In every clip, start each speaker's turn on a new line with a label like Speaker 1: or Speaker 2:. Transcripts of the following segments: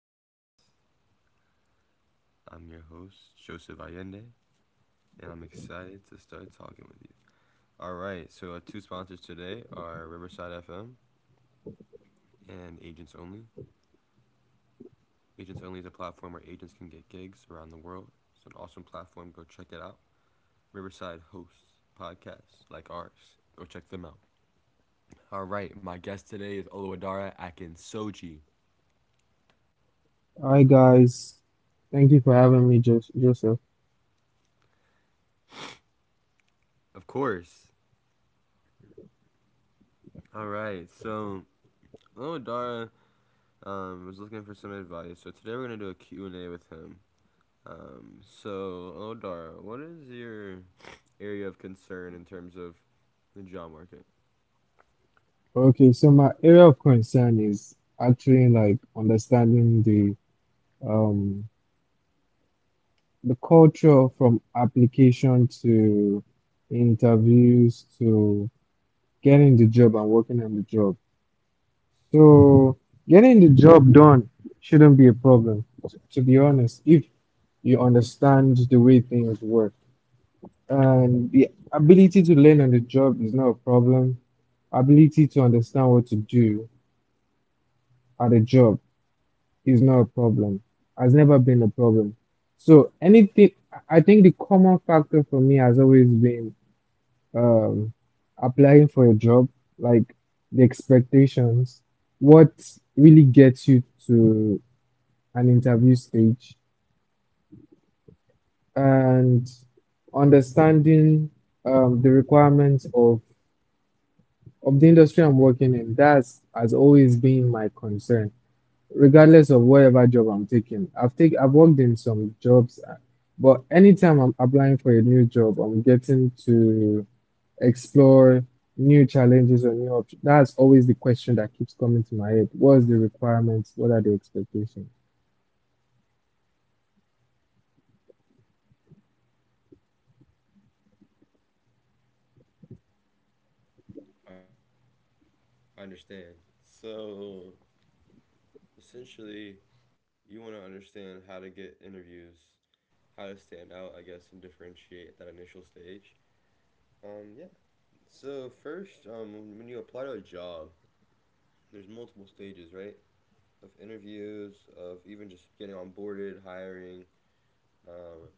Speaker 1: business. I'm your host, Joseph Allende, and I'm excited to start talking with you. All right, so our two sponsors today are Riverside FM and Agents Only. Agents Only is a platform where agents can get gigs around the world. It's an awesome platform. Go check it out. Riverside hosts podcasts like ours. Go check them out. All right, my guest today is Oluwadara Akinsoji.
Speaker 2: Hi guys, thank you for having me, Joseph.
Speaker 1: Of course. All right, so Oluwadara was looking for some advice. So today we're gonna do a Q and a with him. So Odar, what is your area of concern in terms of the job market?
Speaker 2: Okay, so my area of concern is actually like understanding um the culture from application to interviews to getting the job and working on the job. So getting the job done shouldn't be a problem, to be honest, if you understand the way things work. And the ability to learn on the job is not a problem. Ability to understand what to do at a job is not a problem. Has never been a problem. So anything, I think the common factor for me has always been um, applying for a job, like the expectations, what really gets you to an interview stage, and understanding the requirements of the industry I'm working in, that's has always been my concern, regardless of whatever job I'm taking. I've worked in some jobs, but anytime I'm applying for a new job, I'm getting to explore new challenges or new options. That's always the question that keeps coming to my head. What's the requirements? What are the expectations?
Speaker 1: I understand. So essentially, you want to understand how to get interviews, how to stand out, I guess, and differentiate at that initial stage. Yeah. So first, when you apply to a job, there's multiple stages, right? Of interviews, of even just getting onboarded, hiring, um,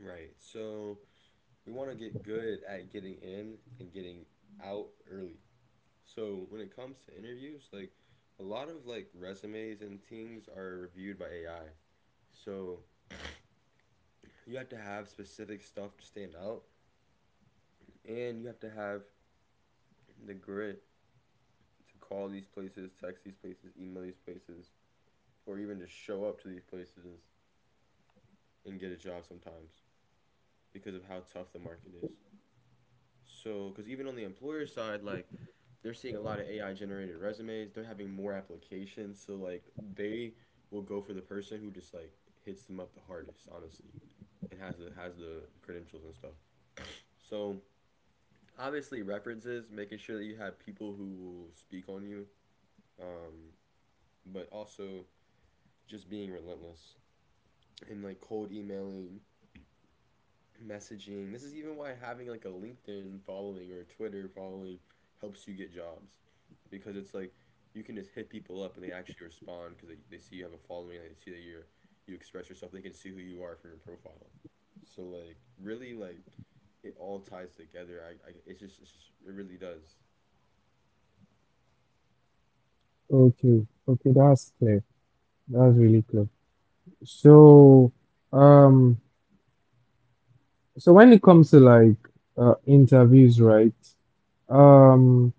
Speaker 1: right. So we want to get good at getting in and getting out early. So when it comes to interviews, like a lot of like resumes and things are reviewed by AI. So you have to have specific stuff to stand out, and you have to have the grit to call these places, text these places, email these places, or even just show up to these places and get a job sometimes because of how tough the market is. So, because even on the employer side, like they're seeing a lot of AI generated resumes, they're having more applications. So, like, they will go for the person who just like hits them up the hardest, honestly, and has the credentials and stuff. So, obviously, references, making sure that you have people who will speak on you, um, but also just being relentless and like cold emailing messaging. This is even why having like a LinkedIn following or a Twitter following helps you get jobs because it's like you can just hit people up and they actually respond because they see you have a following, and they see that you're you express yourself, they can see who you are from your profile. So like really like it all ties together, I it's just it really does.
Speaker 2: Okay, okay, that's clear. That's really clear. So, um, so when it comes to like interviews, right? Um,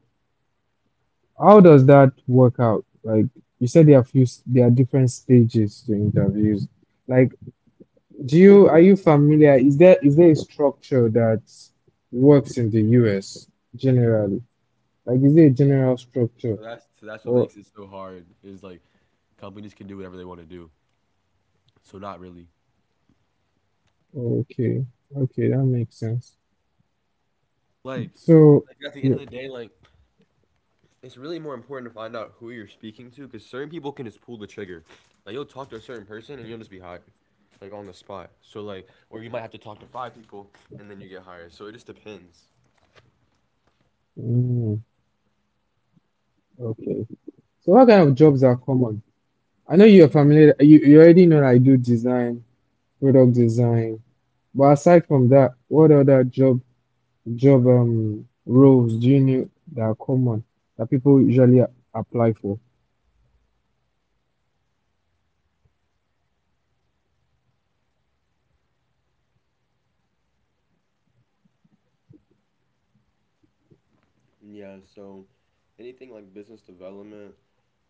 Speaker 2: how does that work out? Like you said, there are there are different stages to interviews. Like, do you are you familiar? Is there a structure that works in the US generally? Like, is there a general structure?
Speaker 1: So that's what
Speaker 2: Or
Speaker 1: makes it so hard is like companies can do whatever they want to do. So not really.
Speaker 2: oh, okay, okay, that makes sense.
Speaker 1: Like
Speaker 2: So,
Speaker 1: like at the end
Speaker 2: yeah,
Speaker 1: of the day, like it's really more important to find out who you're speaking to because certain people can just pull the trigger. Like you'll talk to a certain person and you'll just be hired, like on the spot. So like, or you might have to talk to five people and then you get hired. So it just depends.
Speaker 2: mm, okay. So, what kind of jobs are common? I know you're familiar. You already know I do design, product design. But aside from that, what other job roles do you know that are common that people usually apply for?
Speaker 1: Yeah, so anything like business development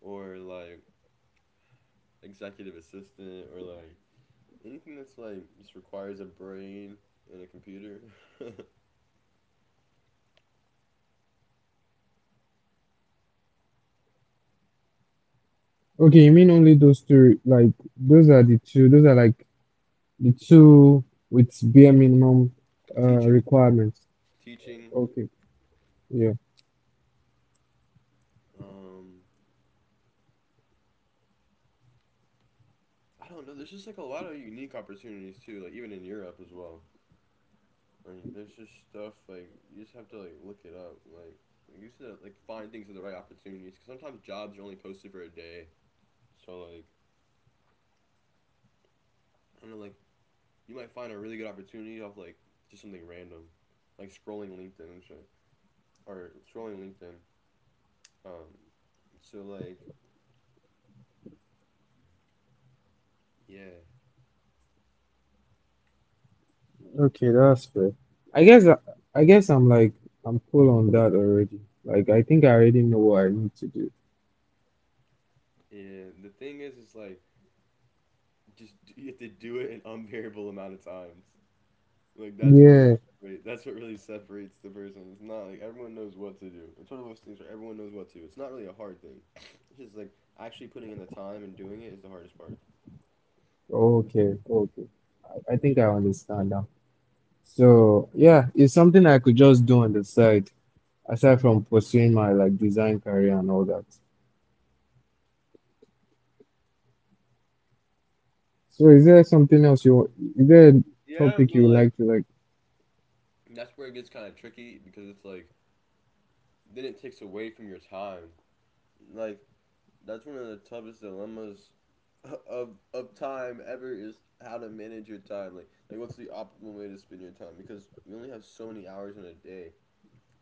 Speaker 1: or like executive assistant or like anything that's like just requires a brain and a computer.
Speaker 2: Okay, you mean only those two? Like those are the two. Those are like the two with bare minimum
Speaker 1: Teacher,
Speaker 2: requirements.
Speaker 1: teaching,
Speaker 2: Okay, yeah.
Speaker 1: um I don't know, there's just like a lot of unique opportunities too, like even in Europe as well. Like there's just stuff like you just have to like look it up. Like you just have to like find things at the right opportunities because sometimes jobs are only posted for a day. So like I don't know, like you might find a really good opportunity of like just something random, like scrolling LinkedIn and shit, or scrolling LinkedIn. Um, so like yeah,
Speaker 2: Okay, that's fair. I guess I, I guess I'm like I'm full on that already. Like I think I already know what I need to do.
Speaker 1: yeah. The thing is like just you have to do it an unbearable amount of times. Like
Speaker 2: Yeah.
Speaker 1: that's what really separates the person. It's not like everyone knows what to do. It's one of those things where everyone knows what to do. It's not really a hard thing. It's just like actually putting in the time and doing it is the hardest part.
Speaker 2: Okay. Okay. I think I understand now. So yeah, it's something I could just do on the side, aside from pursuing my like design career and all that. So is there something else you is there a
Speaker 1: Yeah,
Speaker 2: topic
Speaker 1: but
Speaker 2: you would
Speaker 1: like
Speaker 2: like to like
Speaker 1: that's where it gets kind of tricky because it's like then it takes away from your time. Like that's one of the toughest dilemmas of time ever is how to manage your time. Like what's the optimal way to spend your time? Because we only have so many hours in a day.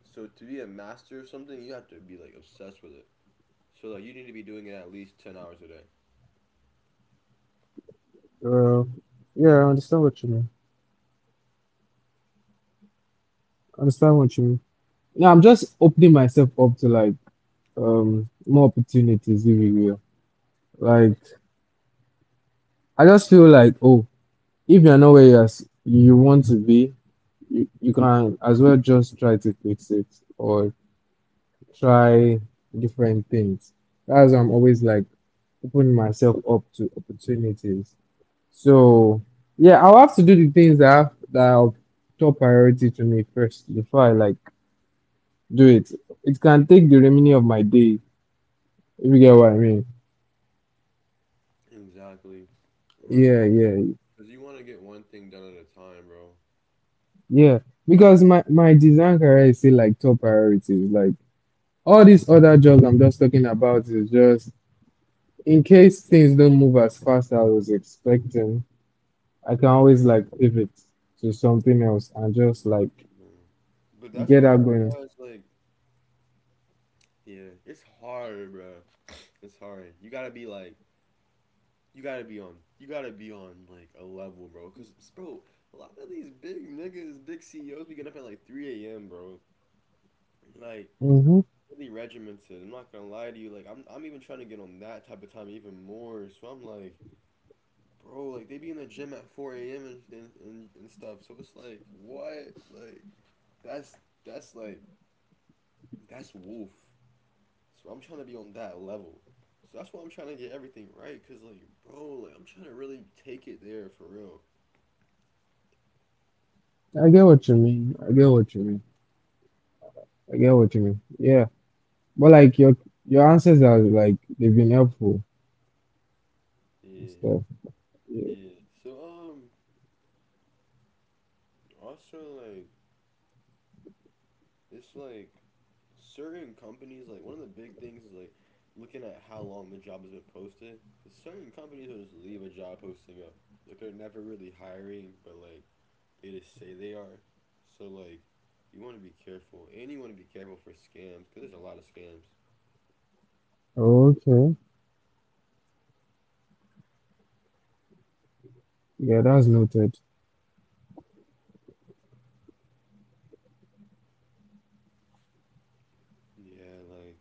Speaker 1: So to be a master of something, you have to be like obsessed with it. So like you need to be doing it at least 10 hours a day.
Speaker 2: uh, yeah, I understand what you mean. I understand what you mean. No, I'm just opening myself up to like more opportunities, if you will. Like I just feel like oh, if you're not where you want to be, you can as well just try to fix it or try different things. That's why I'm always like opening myself up to opportunities. So yeah, I'll have to do the things that that are of top priority to me first before I like do it. It can take the remaining of my day, if you get what I mean.
Speaker 1: Exactly. Like,
Speaker 2: Yeah, yeah,
Speaker 1: cause you want to get one thing done at a time, bro.
Speaker 2: yeah. Because my design career is still like top priorities. Like all these other jobs I'm just talking about is just in case things don't move as fast as I was expecting, I can always like pivot to something else and just like
Speaker 1: Mm. But that's
Speaker 2: get
Speaker 1: where I
Speaker 2: that going.
Speaker 1: realized, like, yeah, it's hard, bro. It's hard. You gotta be on, you gotta be on like a level, bro. Cause, bro, a lot of these big niggas, big CEOs, be getting up at like 3 a.m., bro. Like,
Speaker 2: Mm-hmm.
Speaker 1: really regimented. I'm not gonna lie to you. Like, I'm even trying to get on that type of time even more. So I'm like, bro, like they be in the gym at four a.m. And stuff. So it's like what, like that's that's like that's wolf. So I'm trying to be on that level. So that's why I'm trying to get everything right, cause like, bro, like I'm trying to really take it there for real.
Speaker 2: I get what you mean. I get what you mean. I get what you mean. Yeah, but like your answers are like they've been helpful and
Speaker 1: Yeah,
Speaker 2: stuff. Yeah.
Speaker 1: yeah. So also like, it's like certain companies like one of the big things is like looking at how long the job has been posted because certain companies will just leave a job posting up like they're never really hiring, but like they just say they are. So like you want to be careful, and you want to be careful for scams because there's a lot of scams.
Speaker 2: Okay. Yeah, that's noted.
Speaker 1: Yeah, like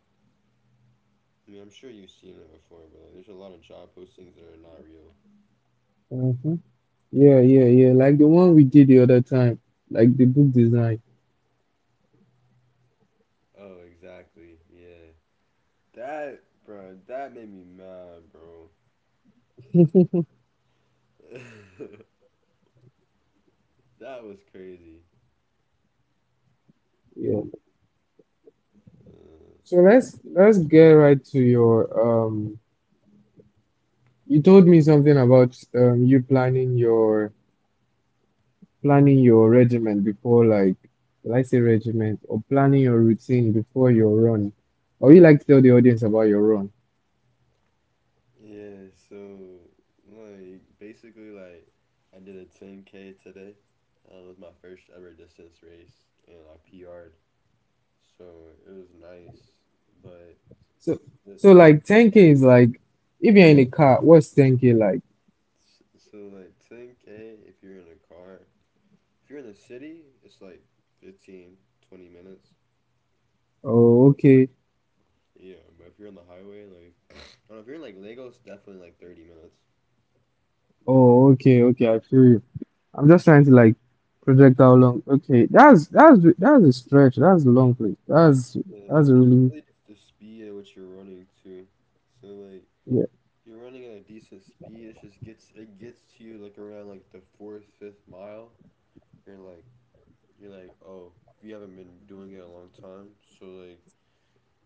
Speaker 1: I mean I'm sure you've seen it before, but like there's a lot of job postings that are not real.
Speaker 2: Mm-hmm. Yeah, yeah, yeah. Like the one we did the other time, like the book design.
Speaker 1: Oh exactly, yeah, that bro that made me mad bro. That was crazy.
Speaker 2: Yeah.
Speaker 1: uh,
Speaker 2: So let's get right to your um. You told me something about you planning your regiment before like will I say regiment or planning your routine before your run. Or you like to tell the audience about your run?
Speaker 1: Yeah, so like basically like I did a 10K today. It was my first ever distance race and I PR'd. So it was nice, but
Speaker 2: So
Speaker 1: it,
Speaker 2: so
Speaker 1: it was
Speaker 2: like 10K is like if you're in a car, what's 10K like?
Speaker 1: so like 10K if you're in a car. If you're in the city, it's like 15 to 20 minutes.
Speaker 2: Oh, okay.
Speaker 1: Yeah, but if you're on the highway, like I don't know, if you're in like Lagos, definitely like 30 minutes.
Speaker 2: Oh, okay, okay, I feel you. I'm just trying to like project how long. Okay, that's that's a stretch. That's a long place.
Speaker 1: Yeah,
Speaker 2: That's a
Speaker 1: it's
Speaker 2: really
Speaker 1: really just the speed at which you're running too. So like
Speaker 2: yeah,
Speaker 1: you're running at a decent speed. It just gets to you like around like the fourth, fifth mile. You're like you're like oh, you haven't been doing it a long time, so like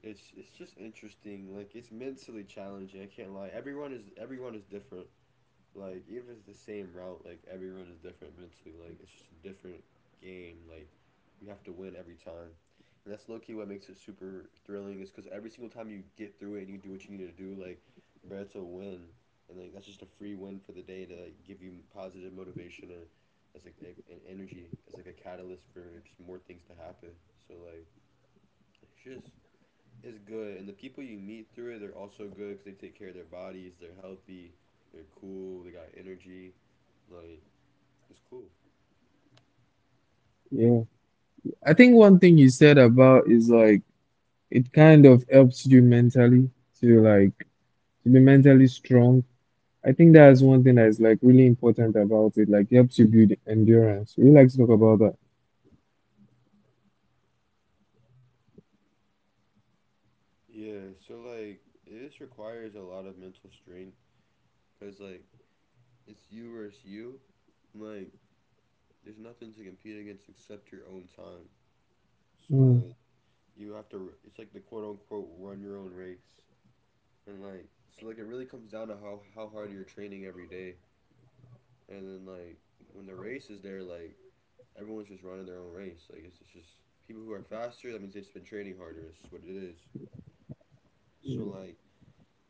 Speaker 1: it's just interesting. Like it's mentally challenging. I can't lie. Everyone is different. Like even if it's the same route, like everyone is different mentally. Like it's just a different game. Like you have to win every time, and that's low key what makes it super thrilling. Is because every single time you get through it and you do what you need to do, like bro, it's a win, and like that's just a free win for the day to like give you positive motivation and as like an energy as like a catalyst for just more things to happen. So like it's just is good, and the people you meet through it, they're also good because they take care of their bodies. They're healthy. They're cool. They got energy. Like it's cool.
Speaker 2: yeah. I think one thing you said about is like it kind of helps you mentally to like to be mentally strong. I think that's one thing that is like really important about it. Like helps you build endurance. We like to talk about that.
Speaker 1: Yeah. So like this requires a lot of mental strength because like it's you versus you. Like there's nothing to compete against except your own time. So
Speaker 2: Mm,
Speaker 1: like you have to. It's like the quote unquote run your own race, and like so like it really comes down to how hard you're training every day, and then like when the race is there, like everyone's just running their own race. Like it's just people who are faster. That means they've just been training harder. It's just what it is. So like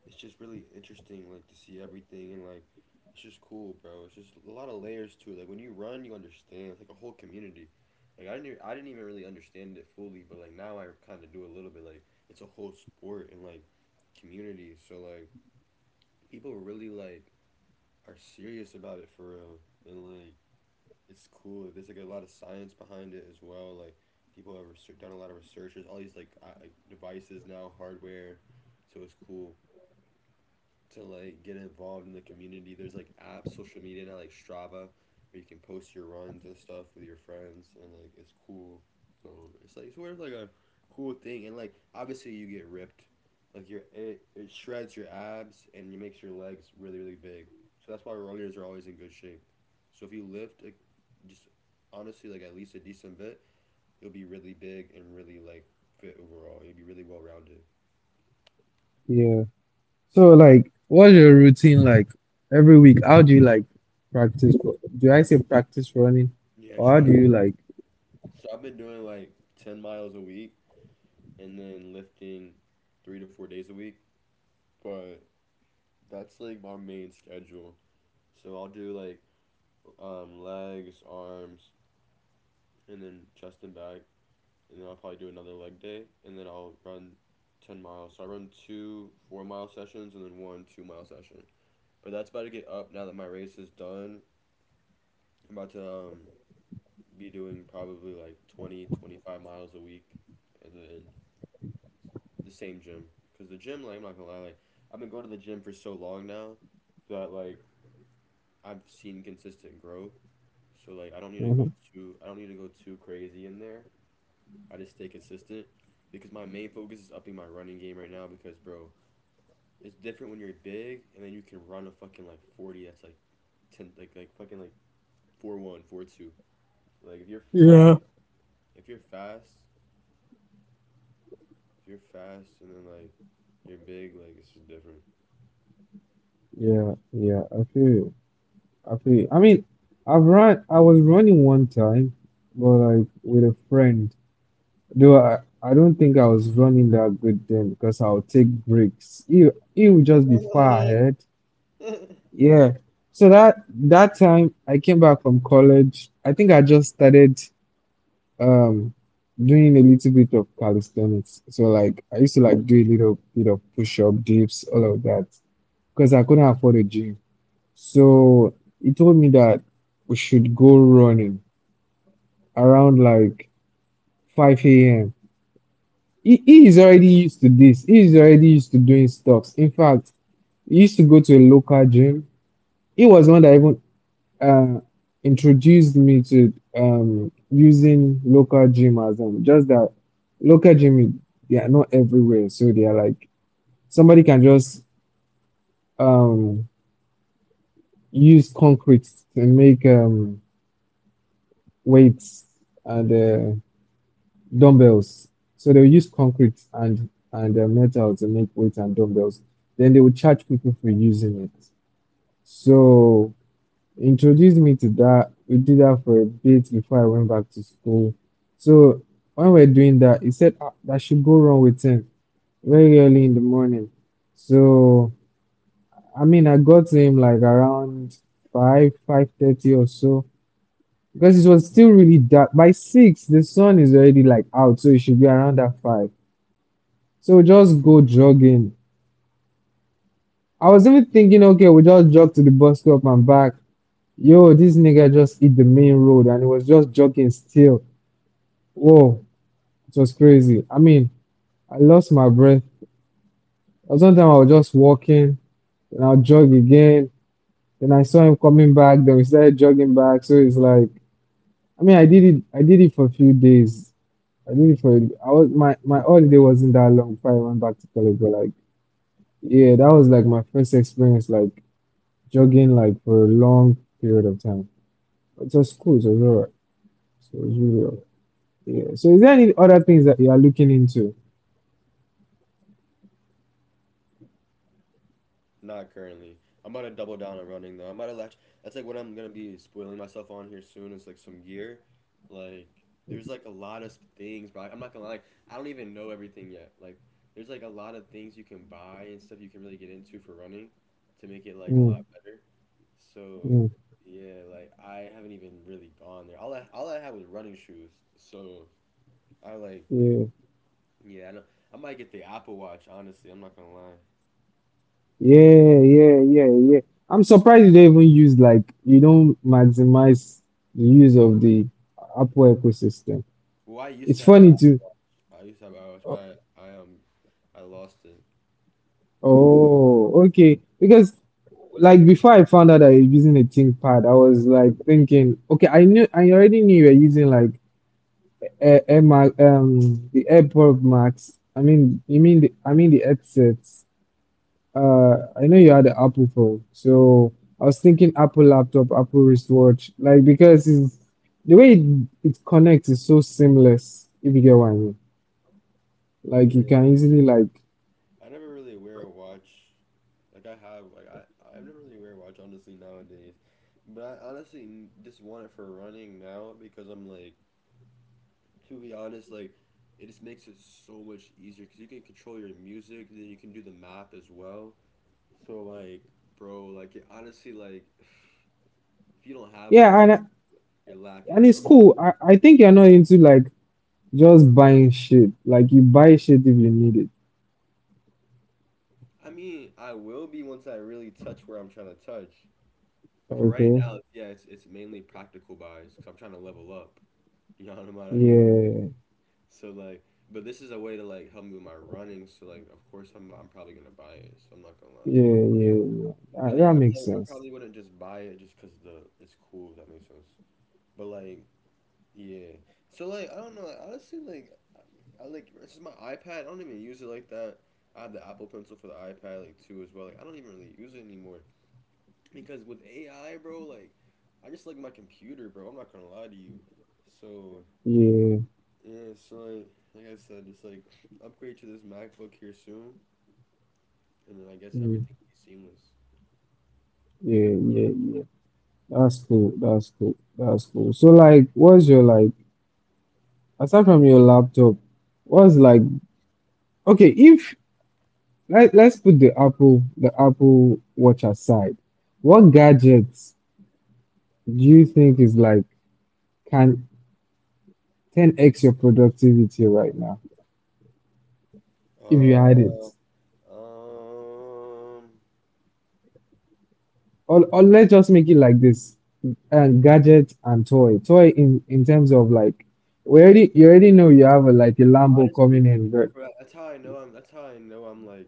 Speaker 1: it's just really interesting like to see everything, and like it's just cool, bro. It's just a lot of layers to it. Like when you run, you understand. It's like a whole community. Like I didn't even really understand it fully, but like now I kind of do a little bit. Like it's a whole sport and like community. So like people really like are serious about it for real, and like it's cool. Like, there's like a lot of science behind it as well. Like people have done a lot of research. There's all these like devices now, hardware, so it's cool to like get involved in the community. There's like apps, social media now, like Strava, where you can post your runs and stuff with your friends, and like it's cool. So it's like sort of like a cool thing, and like obviously you get ripped, like it shreds your abs and it makes your legs really really big. So that's why runners are always in good shape. So if you lift like just honestly like at least a decent bit, you'll be really big and really like fit overall. You'll be really well rounded.
Speaker 2: yeah. So like, what's your routine like every week? How do you like practice? Do I say practice running,
Speaker 1: Yeah,
Speaker 2: or how
Speaker 1: so, I,
Speaker 2: do you like?
Speaker 1: so I've been doing like 10 miles a week and then lifting 3 to 4 days a week. But that's like my main schedule. So I'll do like legs, arms, and then chest and back, and then I'll probably do another leg day, and then I'll run 10 miles. So I run 2 four-mile sessions and then 1 two-mile session. But that's about to get up now that my race is done. I'm about to be doing probably like 20 to 25 miles a week, and then the same gym because the gym like I'm not gonna lie like I've been going to the gym for so long now that like I've seen consistent growth. So like
Speaker 2: Mhm.
Speaker 1: I don't need to go too crazy in there. I just stay consistent because my main focus is upping my running game right now because bro, it's different when you're big and then you can run a fucking like 40 that's like 10 like fucking like 4.1, 4.2. Like
Speaker 2: Yeah.
Speaker 1: if you're fast, and then like you're big like it's just different.
Speaker 2: Yeah, yeah, I feel you. I feel you. I mean, I've run. I was running one time, but like with a friend. Though I don't think I was running that good then because I'll take breaks. He would just be far ahead. Yeah. So that time I came back from college. I think I just started um doing a little bit of calisthenics. So like I used to like do a little bit of push-up, dips, all of that, because I couldn't afford a gym. So he told me that we should go running around like 5 a.m. He is already used to this. He is already used to doing stuffs. In fact, he used to go to a local gym. He was one that even uh, introduced me to using local gym as just that local gym they are not everywhere, so they are like somebody can just um, use concrete to make weights and dumbbells. So they'll use concrete and metal to make weights and dumbbells. Then they will charge people for using it. So introduced me to that. We did that for a bit before I went back to school. So when we are doing that, he said ah, that should go wrong with him very early in the morning. So I mean, I got to him like around five, 5:30 or so because it was still really dark. By six, the sun is already like out, so it should be around that five. So we just go jogging. I was even thinking, okay, we just jog to the bus stop and back. Yo, this nigga just hit the main road and he was just jogging still. Whoa, it was crazy. I mean, I lost my breath. Sometimes I was just walking, then I'll jog again. Then I saw him coming back, then we started jogging back. So it's like, I mean, I did it. I did it for a few days. I did it for. I was my my holiday wasn't that long before I went back to college. But like, yeah, that was like my first experience, like jogging like for a long period of time. It was cool. It was alright. So it was really alright. Yeah. So is there any other things that you are looking into?
Speaker 1: Not currently. I'm about to double down on running though. I'm about to latch. That's like what I'm gonna be spoiling myself on here soon. It's like some gear. Like there's like a lot of things, bro. I'm not gonna lie. I don't even know everything yet. Like there's like a lot of things you can buy and stuff you can really get into for running, to make it like a lot
Speaker 2: Mm,
Speaker 1: better. So
Speaker 2: mm,
Speaker 1: yeah, like I haven't even really gone there. All I had was running shoes. So I like
Speaker 2: yeah.
Speaker 1: yeah. I know I might get the Apple Watch. Honestly, I'm not gonna lie.
Speaker 2: Yeah, yeah, yeah, yeah. I'm surprised you don't even use like you don't maximize the use of the Apple ecosystem.
Speaker 1: Well,
Speaker 2: It's funny too.
Speaker 1: I used to have iWatch,
Speaker 2: Oh,
Speaker 1: but I I lost it.
Speaker 2: oh, okay. Because like before I found out I was using a ThinkPad, I was like thinking, okay, I already knew you were using like the AirPod Max. I mean, you mean the I mean the headsets. I know you had an Apple phone, so I was thinking Apple laptop, Apple wristwatch, like because the way it connects is so seamless, if you get what I mean. Like you can
Speaker 1: Yeah.
Speaker 2: easily like
Speaker 1: I never really wear a watch. Like I have, like I never really wear a watch honestly nowadays. But I honestly just want it for running now because I'm like, to be honest, like it just makes it so much easier because you can control your music, then you can do the map as well. So like, bro, like it, honestly, like if you don't have one,
Speaker 2: yeah, and
Speaker 1: you're
Speaker 2: and
Speaker 1: lacking,
Speaker 2: it's
Speaker 1: bro.
Speaker 2: cool. I think you're not into like just buying shit. Like you buy shit if you need it.
Speaker 1: I mean, I will be once I really touch where I'm trying to touch. But for right
Speaker 2: Okay.
Speaker 1: now, it's, yeah, it's mainly practical buys because I'm trying to level up. You know what I'm at? You know what I mean?
Speaker 2: Yeah.
Speaker 1: So like, but this is a way to like help me with my running. So like, of course, I'm probably gonna buy it. So I'm not gonna lie.
Speaker 2: Yeah. Yeah. yeah.
Speaker 1: But yeah,
Speaker 2: That makes
Speaker 1: I
Speaker 2: sense.
Speaker 1: probably wouldn't just buy it just because the it's cool. If that makes sense. But like, yeah. So like, I don't know. Like, honestly, like, I like this is my iPad. I don't even use it like that. I have the Apple Pencil for the iPad like too as well. Like, I don't even really use it anymore. Because with AI, bro, like I just like my computer, bro. I'm not gonna lie to you. So
Speaker 2: Yeah.
Speaker 1: yeah, so like I said, just like upgrade to this MacBook here soon, and then I guess
Speaker 2: mm,
Speaker 1: everything will be seamless.
Speaker 2: Yeah. Yeah. Yeah. That's cool. That's cool. That's cool. So like, what's your like? Aside from your laptop, what's like okay, if let's put the Apple Watch aside, what gadgets do you think is like can 10x your productivity right now if you had it?
Speaker 1: Uh, um,
Speaker 2: Or let's just make it like this. And gadget and toy. Toy in terms of like we already you
Speaker 1: an
Speaker 2: already know you have
Speaker 1: assistant.
Speaker 2: like a Lambo
Speaker 1: Honestly,
Speaker 2: coming in, but
Speaker 1: bro, That's how I know I'm like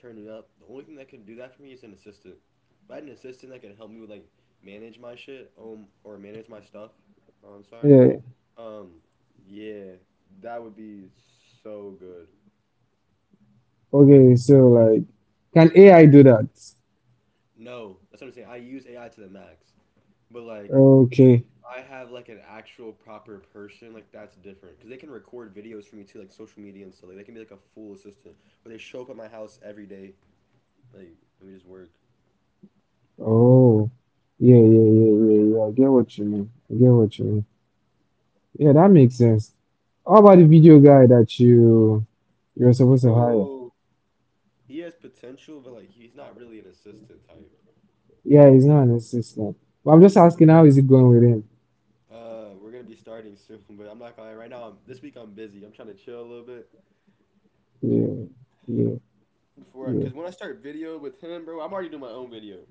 Speaker 1: turning up. The only thing that can do that for me is an assistant. If I had an assistant that can help me with like manage my shit, or manage my stuff. I'm sorry.
Speaker 2: yeah.
Speaker 1: Um, yeah, that would be so good.
Speaker 2: Okay, so like can AI do that?
Speaker 1: No, that's what I'm saying. I use AI to the max, but like
Speaker 2: Okay.
Speaker 1: I have like an actual proper person, like that's different because they can record videos for me too, like social media and stuff. Like they can be like a full assistant where they show up at my house every day, like and we just work.
Speaker 2: Oh, yeah, yeah, yeah, yeah, yeah. I get what you mean. I get what you mean. Yeah, that makes sense. How about the video guy that you're supposed to hire?
Speaker 1: Oh, he has potential, but like he's not really an assistant type.
Speaker 2: Yeah,
Speaker 1: So
Speaker 2: he's not an assistant. But I'm just asking, how is it going with him?
Speaker 1: we're gonna be starting soon, but I'm not gonna right now. This week I'm busy. I'm trying to chill a little bit,
Speaker 2: Yeah, yeah,
Speaker 1: before
Speaker 2: yeah,
Speaker 1: because when I start video with him, bro, I'm already doing my own video.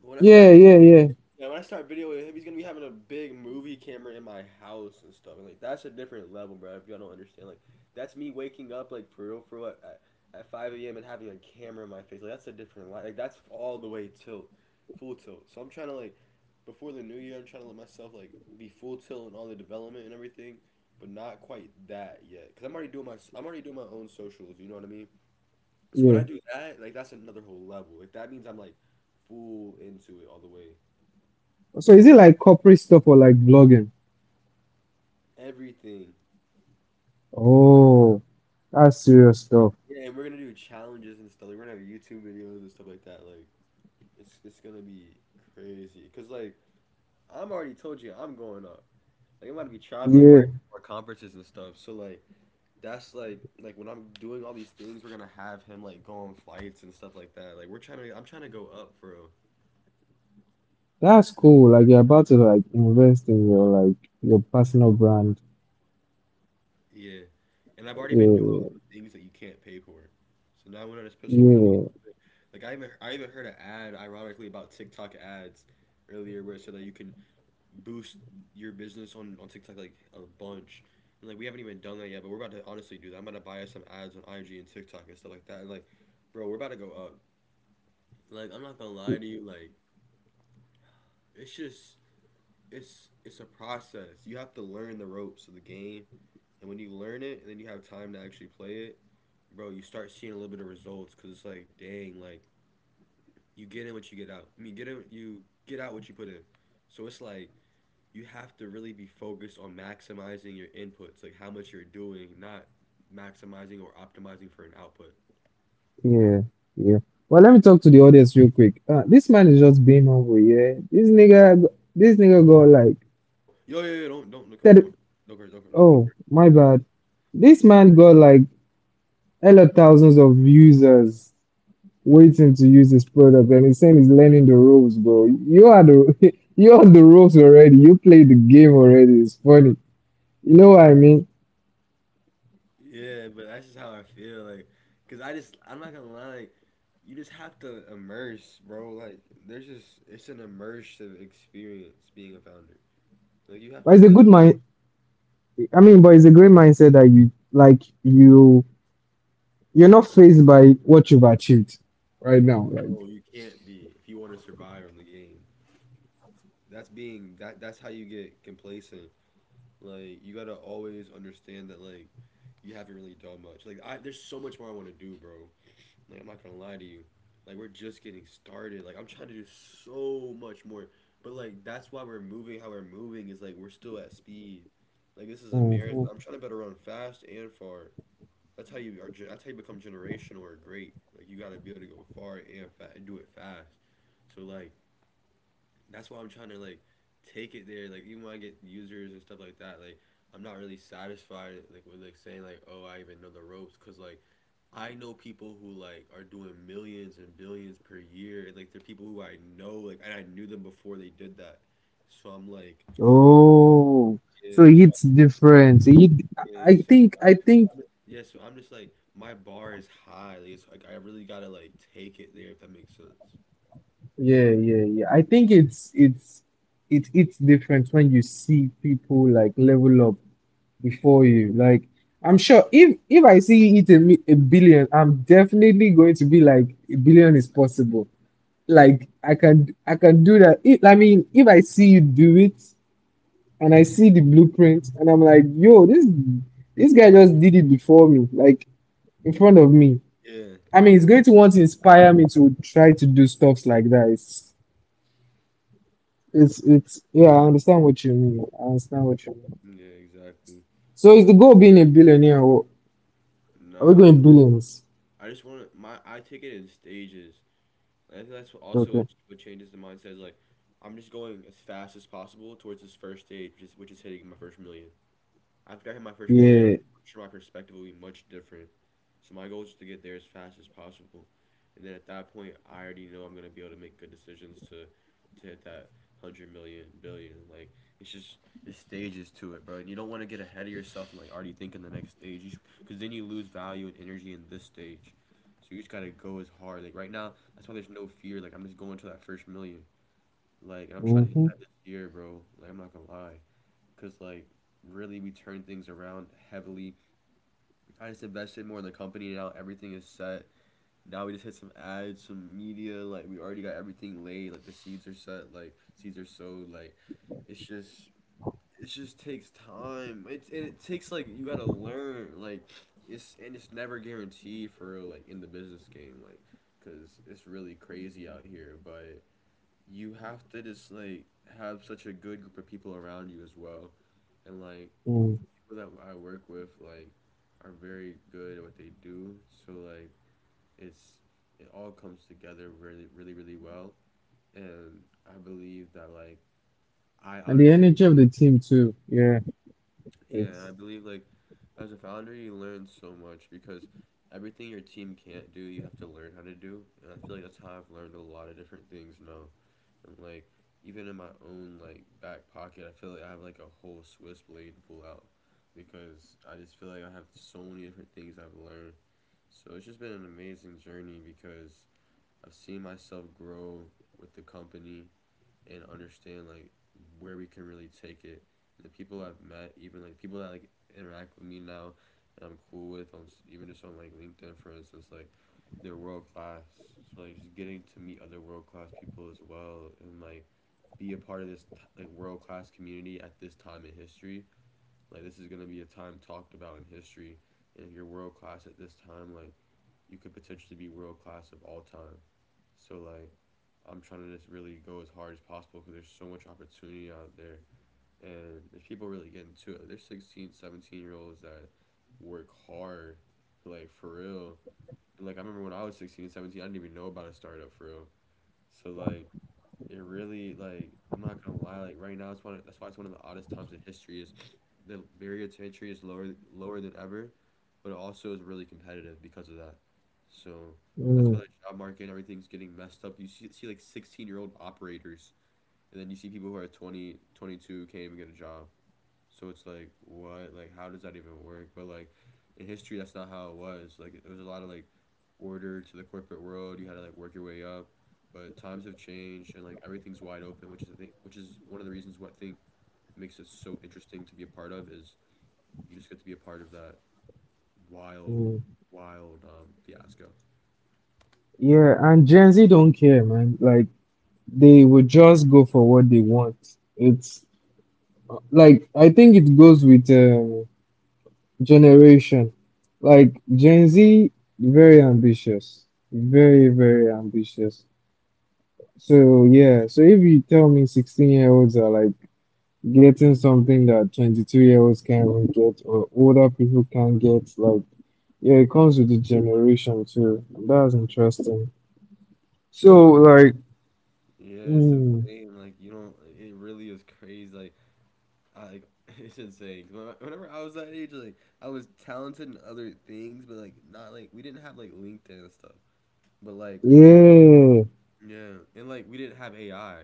Speaker 1: But when I start,
Speaker 2: yeah, yeah, yeah,
Speaker 1: yeah, when I start video with him, he's gonna be having a big movie camera in my house and stuff, and like that's a different level, bro. If y'all don't understand, like that's me waking up like for real, at 5 a.m. and having a camera in my face, like that's a different life. Like that's all the way tilt, full tilt. So I'm trying to like before the new year, I'm trying to let myself like be full tilt in all the development and everything, but not quite that yet. Cause I'm already doing my own socials. You know what I mean? So when
Speaker 2: yeah.
Speaker 1: I do that, like that's another whole level. Like that means I'm like full into it all the way.
Speaker 2: So is it like corporate stuff or like vlogging?
Speaker 1: Everything.
Speaker 2: Oh, that's serious stuff.
Speaker 1: Yeah, and we're gonna do challenges and stuff. Like we're gonna have YouTube videos and stuff like that. Like it's gonna be crazy. Cause like I'm already told you I'm going up. Like I'm about to be traveling more
Speaker 2: Yeah,
Speaker 1: more conferences and stuff. So like that's like when I'm doing all these things, we're gonna have him like go on flights and stuff like that. Like we're trying to I'm trying to go up, bro.
Speaker 2: that's cool. Like you're about to like invest in your like your personal brand.
Speaker 1: Yeah. And I've already
Speaker 2: Yeah,
Speaker 1: been doing
Speaker 2: yeah,
Speaker 1: all the things that you can't pay for. So now when I just put some money
Speaker 2: yeah.
Speaker 1: into it, like I even heard an ad, ironically, about TikTok ads earlier where it said that you can boost your business on TikTok like a bunch. And like we haven't even done that yet, but we're about to honestly do that. I'm about to buy us some ads on IG and TikTok and stuff like that. And like, bro, we're about to go up. Like I'm not gonna lie to you, like it's just it's a process. You have to learn the ropes of the game, and when you learn it, and then you have time to actually play it, bro, you start seeing a little bit of results. Cause it's like, dang, like you get in what you get out. I mean, get in you get out what you put in. So it's like you have to really be focused on maximizing your inputs, like how much you're doing, not maximizing or optimizing for an output.
Speaker 2: Yeah, yeah. Well, let me talk to the audience real quick. This man is just being humble, yeah. This nigga got like
Speaker 1: Yo, yo, yo! Don't no curse,
Speaker 2: 30,
Speaker 1: don't no curse, don't, no, no.
Speaker 2: oh my bad. This man got like hella thousands of users waiting to use his product, and he's saying he's learning the ropes, bro. You are the You are on the ropes already. You played the game already. It's funny. You know what I mean?
Speaker 1: Yeah, but that's just how I feel like cuz I'm not gonna lie like you just have to immerse, bro. Like there's just it's an immersive experience being a founder. Like you have
Speaker 2: But
Speaker 1: to
Speaker 2: it's a
Speaker 1: let
Speaker 2: good mind. I mean, but it's a great mindset that you like you're not faced by what you've achieved right now. Like.
Speaker 1: go. You can't be if you want to survive on the game. That's being that that's how you get complacent. Like you got to always understand that like you haven't really done much. Like I there's so much more I want to do, bro. Like I'm not gonna lie to you. Like we're just getting started. Like I'm trying to do so much more. But like that's why we're moving how we're moving is like we're still at speed. Like this is a marathon.
Speaker 2: Oh,
Speaker 1: I'm trying to better run fast and far. That's how That's how you become generational or great. Like you gotta be able to go far and fast and do it fast. So like that's why I'm trying to like take it there. Like even when I get users and stuff like that, like I'm not really satisfied like with like saying like oh I even know the ropes because like I know people who like are doing millions and billions per year. And, like they're people who I know like and I knew them before they did that. So I'm like
Speaker 2: oh, so
Speaker 1: yeah so
Speaker 2: it's different. So
Speaker 1: yeah
Speaker 2: I
Speaker 1: so, so
Speaker 2: think, I
Speaker 1: just,
Speaker 2: think,
Speaker 1: I'm just- yeah so I'm just like my bar is high. Like it's like I really gotta like take it there if that makes sense.
Speaker 2: yeah, yeah, yeah. I think it's different when you see people like level up before you. Like, I'm sure if I see it a billion, I'm definitely going to be like a billion is possible. Like, I can do that. If, I mean, if I see you do it. And I see the blueprint and I'm like, yo, this guy just did it before me, like in front of me.
Speaker 1: Yeah,
Speaker 2: I mean, it's
Speaker 1: yeah,
Speaker 2: going to want to inspire me to try to do stuffs like that. It's Yeah, I
Speaker 1: exactly,
Speaker 2: understand what you mean. I understand what you mean.
Speaker 1: yeah, exactly.
Speaker 2: So is the goal being a billionaire or are we
Speaker 1: Nah,
Speaker 2: going billions?
Speaker 1: I just want to my I take it in stages. And I think that's also
Speaker 2: Okay.
Speaker 1: what changes the mindset is like I'm just going as fast as possible towards this first stage, which is hitting my first million. After I hit my first million,
Speaker 2: Yeah.
Speaker 1: I'm sure my perspective will be much different. So my goal is to get there as fast as possible, and then at that point, I already know I'm gonna be able to make good decisions to hit that 100 million billion. Like it's just there's stages to it, bro. And you don't want to get ahead of yourself and like already think in the next stage, because then you lose value and energy in this stage. So you just gotta go as hard. Like right now, that's why there's no fear. Like I'm just going to that first million. Like and I'm trying to hit
Speaker 2: Mm-hmm.
Speaker 1: that this year, bro. Like I'm not gonna lie because like really we turned things around heavily. I just invested more in the company now. Everything is set. Now we just hit some ads, some media. Like we already got everything laid. Like the seeds are set. Like seeds are sowed. Like it's just it just takes time. It and it takes like you gotta learn. Like it's never guaranteed for real. Like in the business game, like because it's really crazy out here. But you have to just like have such a good group of people around you as well, and like
Speaker 2: Mm.
Speaker 1: that I work with like are very good at what they do. So like it's it all comes together really really really well, and I believe that like I
Speaker 2: And the
Speaker 1: honestly.
Speaker 2: energy of the team too. Yeah.
Speaker 1: Yeah, and I
Speaker 2: It's.
Speaker 1: believe like as a founder, you learn so much because everything your team can't do, you have to learn how to do. And I feel like that's how I've learned a lot of different things now. And like even in my own like back pocket, I feel like I have like a whole Swiss blade to pull out because I just feel like I have so many different things I've learned. So it's just been an amazing journey because I've seen myself grow with the company and understand like where we can really take it. The people I've met, even like people that like interact with me now, and I'm cool with on even just on like LinkedIn, for instance, like they're world class. So like just getting to meet other world class people as well, and like be a part of this like world class community at this time in history. Like this is gonna be a time talked about in history, and if you're world class at this time, like you could potentially be world class of all time. So like, I'm trying to just really go as hard as possible because there's so much opportunity out there, and there's people really getting to it. Like, there's 16, 17 year olds that work hard, like for real. And, like I remember when I was 16 and 17, I didn't even know about a startup for real. So like it really like I'm not gonna lie, like right now it's that's why it's one of the oddest times in history is the barrier to entry is lower than ever, but it also is really competitive because of that. So that's
Speaker 2: Mm,
Speaker 1: why the job market and everything's getting messed up. You see like 16-year-old operators and then you see people who are 20, 22 can't even get a job. So it's like what like how does that even work? But like in history that's not how it was. Like it was a lot of like order to the corporate world. You had to like work your way up. But times have changed and like everything's wide open, which is I think which is one of the reasons what I think makes it so interesting to be a part of is you just get to be a part of that wild,
Speaker 2: mm.
Speaker 1: wild fiasco.
Speaker 2: Yeah, and Gen Z don't care, man. Like, they would just go for what they want. It's like I think it goes with generation. Like Gen Z, very ambitious, very, very ambitious. So yeah, so if you tell me 16-year-olds are like getting something that 22-year-olds can't even get or older people can't get, like yeah, it comes with the generation too. That's interesting. So like,
Speaker 1: Yeah, it's
Speaker 2: mm,
Speaker 1: insane. Like you don't. It really is crazy. I like, it's insane. Whenever I was that age, like I was talented in other things, but like not like we didn't have like LinkedIn and stuff. But like
Speaker 2: yeah,
Speaker 1: yeah, and like we didn't have AI.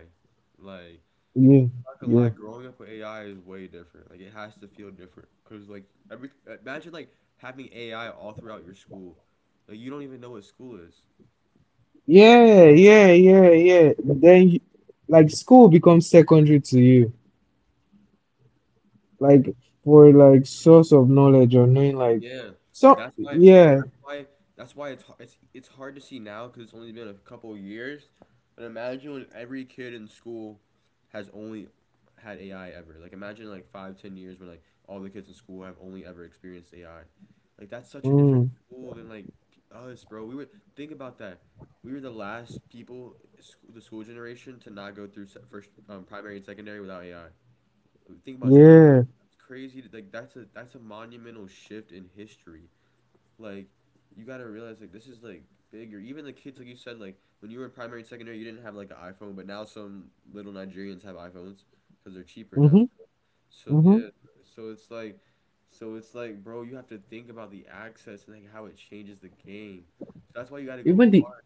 Speaker 1: Like
Speaker 2: yeah,
Speaker 1: not gonna lie,
Speaker 2: yeah.
Speaker 1: growing up with AI is way different. Like it has to feel different because like every imagine like having AI all throughout your school. Like you don't even know what school is.
Speaker 2: Yeah, yeah, yeah, yeah. But then, like, school becomes secondary to you, like, for like source of knowledge or knowing, like,
Speaker 1: Yeah,
Speaker 2: so
Speaker 1: that's why
Speaker 2: yeah,
Speaker 1: why it's it's hard to see now because it's only been a couple of years. But imagine when every kid in school has only had AI ever. Like imagine like 5 to 10 years when like all the kids in school have only ever experienced AI. Like that's such a different
Speaker 2: mm,
Speaker 1: school than like us, bro. We were think about that. We were the last people, school, the school generation, to not go through first primary and secondary without AI. Think about that.
Speaker 2: yeah,
Speaker 1: That's crazy. Like that's a monumental shift in history like you gotta realize like this is like bigger. Even the kids, like you said, like when you were in primary and secondary, you didn't have like an iPhone, but now some little Nigerians have iPhones because they're cheaper now.
Speaker 2: mm-hmm,
Speaker 1: So
Speaker 2: mm-hmm.
Speaker 1: yeah, so it's like, so it's like, bro, you have to think about the access and like how it changes the game. So that's why you gotta go
Speaker 2: Even the,
Speaker 1: hard.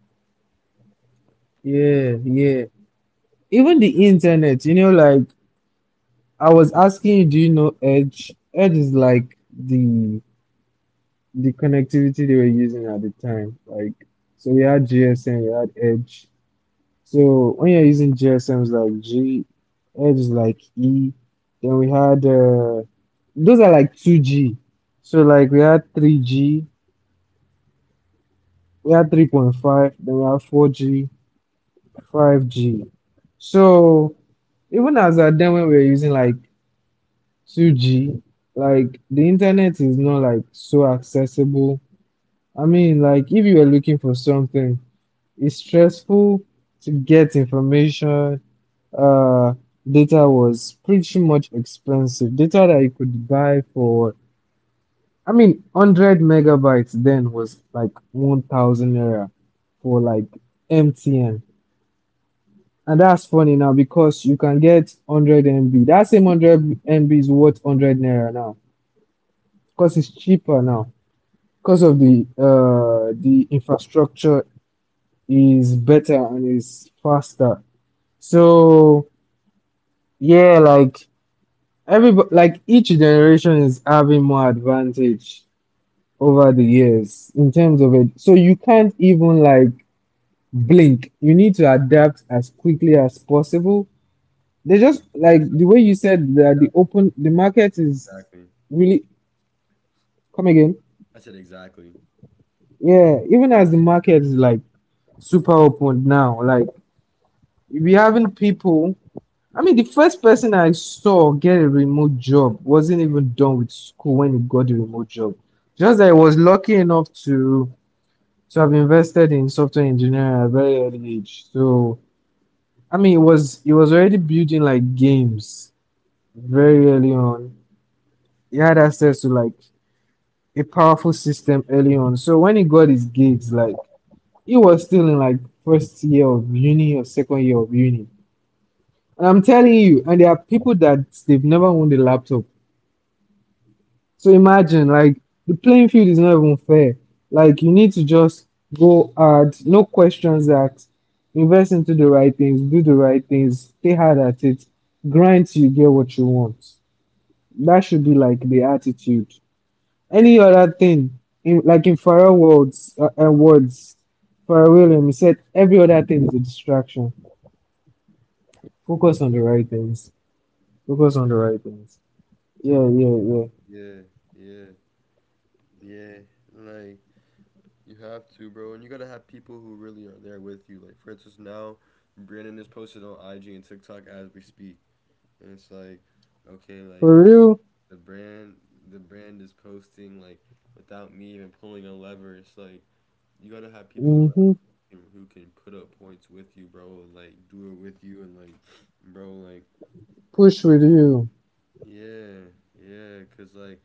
Speaker 1: Yeah,
Speaker 2: yeah, yeah, even the internet. Like, I was asking you, do you know Edge? Edge is like the connectivity they were using at the time. Like, so we had GSM, we had Edge. So when you're using GSMs like G, Edge is like E. Then we had those are like 2G. So like we had 3G, we had 3.5, then we had 4G, 5G. So even as at then when we were using like 2G, like the internet is not like so accessible. I mean, like if you were looking for something, it's stressful to get information. Uh, Data was pretty much expensive. Data that you could buy for, I mean, 100 megabytes then was like 1,000 naira for like MTN. And that's funny now because you can get 100 MB. That same 100 MB is worth 100 naira now because it's cheaper now because of the infrastructure is better and is faster. So yeah, like every like each generation is having more advantage over the years in terms of it. So you can't even like blink. You need to adapt as quickly as possible. They just like the way
Speaker 1: exactly,
Speaker 2: you said that the
Speaker 1: exactly,
Speaker 2: open the market is
Speaker 1: exactly.
Speaker 2: really. Come again.
Speaker 1: I said exactly.
Speaker 2: Yeah, even as the market is like super open now, like we having people. I mean, the first person I saw get a remote job wasn't even done with school when he got the remote job. Just that I was lucky enough to have invested in software engineering at a very early age. So I mean, it was already building like games very early on. He had access to like a powerful system early on. So when he got his gigs, like he was still in like first year of uni or second year of uni. And I'm telling you, and there are people that they've never owned a laptop. So imagine, like, the playing field is not even fair. Like, you need to just go hard, no questions asked, invest into the right things, do the right things, stay hard at it, grind till you get what you want. That should be like the attitude. Any other thing, like in Pharrell words, Pharrell Williams he said, every other thing is a distraction. Focus on the right things. Focus on the right things. Yeah, yeah, yeah.
Speaker 1: Yeah, yeah, yeah. Like you have to, bro, and you gotta have people who really are there with you. Like for instance, now Brandon is posted on IG and TikTok as we speak, and it's like, okay, like
Speaker 2: For real.
Speaker 1: the brand, the brand is posting like without me even pulling a lever. It's like you gotta have people around
Speaker 2: Hmm.
Speaker 1: you who can put up points with you, bro. Like do it with you, and like, bro, like
Speaker 2: Push with you.
Speaker 1: yeah, yeah, cause like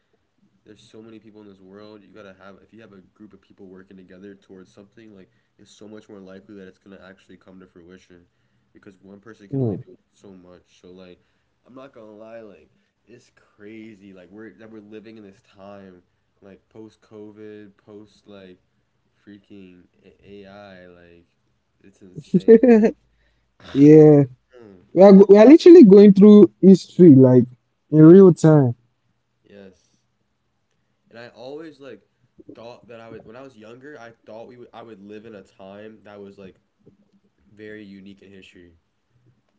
Speaker 1: there's so many people in this world. You gotta have if you have a group of people working together towards something, like it's so much more likely that it's gonna actually come to fruition, because one person can
Speaker 2: Hmm.
Speaker 1: only do so much. So like, I'm not gonna lie, like it's crazy. Like we're living in this time, like post COVID, post like freaking AI. Like it's insane.
Speaker 2: Yeah, we are
Speaker 1: yeah.
Speaker 2: go- we are literally going through history like in
Speaker 1: Yes.
Speaker 2: real time.
Speaker 1: Yes. And I always like thought that I would when I was younger. I would live in a time that was like very unique in history.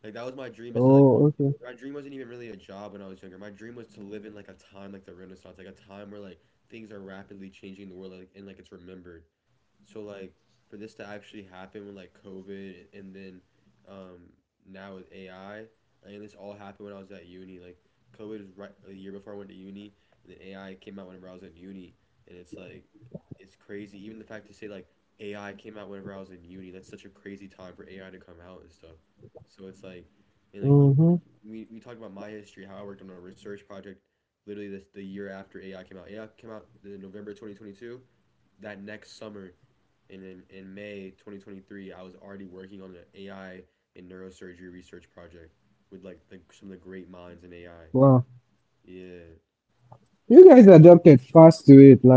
Speaker 1: Like that was my dream is to like
Speaker 2: Oh, okay.
Speaker 1: my dream wasn't even really a job when I was younger. My dream was to live in like a time like the Renaissance, like a time where like things are rapidly changing in the world like, and like it's remembered. So like for this to actually happen with like COVID and then um, now with AI, like, and this all happened when I was at uni. Like COVID was right a year before I went to uni, and then AI came out whenever I was at uni, and it's like it's crazy. Even the fact to say like AI came out whenever I was in uni, that's such a crazy time for AI to come out and stuff. So it's like and
Speaker 2: Mm-hmm.
Speaker 1: like e- we talked about my history, how I worked on a research project literally this the year after AI came out. AI came out in November 2022 that next summer and in May 2023, I was already working on an AI and neurosurgery research project with like some of the
Speaker 2: Wow,
Speaker 1: great minds in AI.
Speaker 2: you guys
Speaker 1: Yeah.
Speaker 2: adapted fast to it, like quick.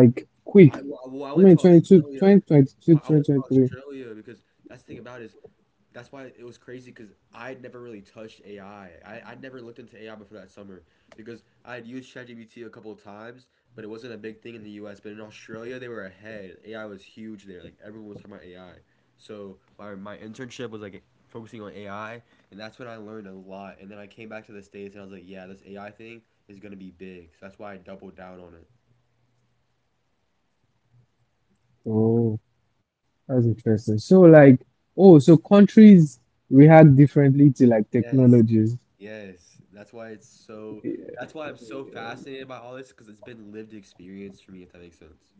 Speaker 2: I mean, 22, twenty
Speaker 1: well, I
Speaker 2: twenty
Speaker 1: went to
Speaker 2: two, twenty twenty
Speaker 1: Australia.
Speaker 2: three?
Speaker 1: Well, I went to Australia because that's the thing about it is that's why it was crazy because I'd never really touched AI. I'd never looked into AI before that summer because I had used ChatGPT a couple of times, but it wasn't a big thing in the US. But in Australia, they were ahead. AI was huge there. Like everyone was talking about AI. So my internship was like focusing on AI, and that's when I learned a lot. And then I came back to the States and I was like, yeah, this AI thing is going to be big. So that's why I doubled down on it.
Speaker 2: Oh, that's interesting. So, like, oh, so countries react differently to like technologies.
Speaker 1: Yes. Yes.
Speaker 2: Yeah,
Speaker 1: That's why I'm so fascinated by all this because it's been lived experience for me, if that makes sense.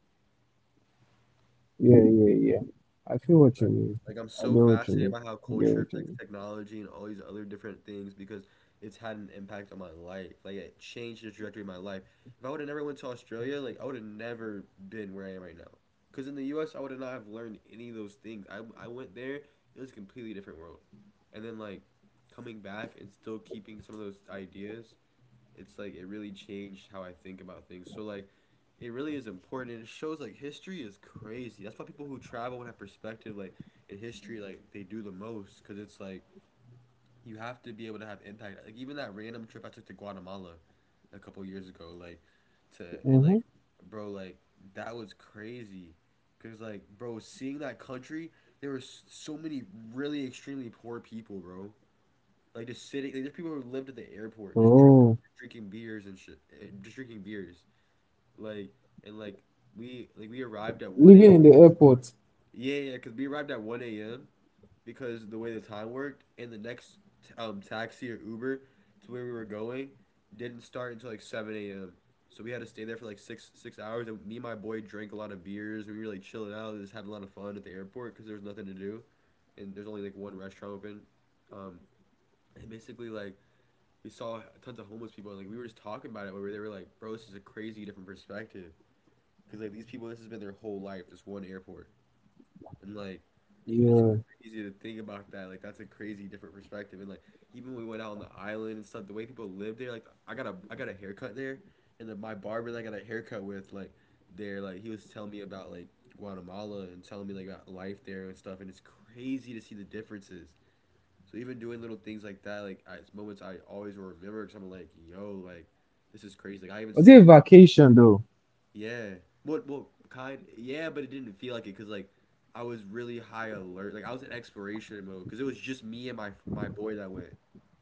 Speaker 2: yeah, yeah, yeah. I feel what you mean. I get what you mean. I get
Speaker 1: Like I'm
Speaker 2: what you
Speaker 1: so
Speaker 2: mean.
Speaker 1: fascinated by how culture affects technology and all these other different things because it's had an impact on my life. Like it changed the trajectory of my life. If I would have never went to Australia, like I would have never been where I am right now. Because in the U. S. I would have not have learned any of those things. I went there, it was a completely different world. And then coming back and still keeping some of those ideas, it's like it really changed how I think about things. So it really is important and it shows like history is crazy. That's why people who travel and have perspective, like in history, like they do the most cuz it's like you have to be able to have impact. Like even that random trip I took to Guatemala a couple years ago,
Speaker 2: Mm-hmm.
Speaker 1: like to and like bro like that was crazy cuz like, bro, seeing that country, there were so many really extremely poor people, bro. Like just sitting, like there's people who
Speaker 2: Oh.
Speaker 1: lived at the airport, drinking beers and shit, eh, just drinking beers. Like and like
Speaker 2: Living
Speaker 1: We
Speaker 2: in the airport.
Speaker 1: arrived at one a. Yeah, yeah, because we arrived at one a.m. because the way the time worked, and the next taxi or Uber to where we were going didn't start until like seven a.m. So we had to stay there for like six hours, and me and my boy drank a lot of beers, and we were like chilling out and just having a lot of fun at the airport because there was nothing to do, and there's only like one restaurant open, um, and basically like we saw tons of homeless people, and like we were just talking about it where they were like, bro, this is a crazy different perspective because like these people, this has been their whole life, this one airport, and like
Speaker 2: Yeah.
Speaker 1: it's crazy to think about that. Like that's a crazy different perspective. And like even when we went out on the island and stuff, the way people live there, like I got a haircut there, and then my barber that I got a haircut with, like there, like he was telling me about like Guatemala and telling me like about life there and stuff, and it's crazy to see the differences. So even doing little things like that, like it's moments I always will remember because I'm like, yo, like this is crazy. Like I even
Speaker 2: Was
Speaker 1: stayed
Speaker 2: it
Speaker 1: at,
Speaker 2: a vacation though?
Speaker 1: yeah, yeah, but it didn't feel like it because like I was really high alert. Like I was in exploration mode because it was just me and my boy that went,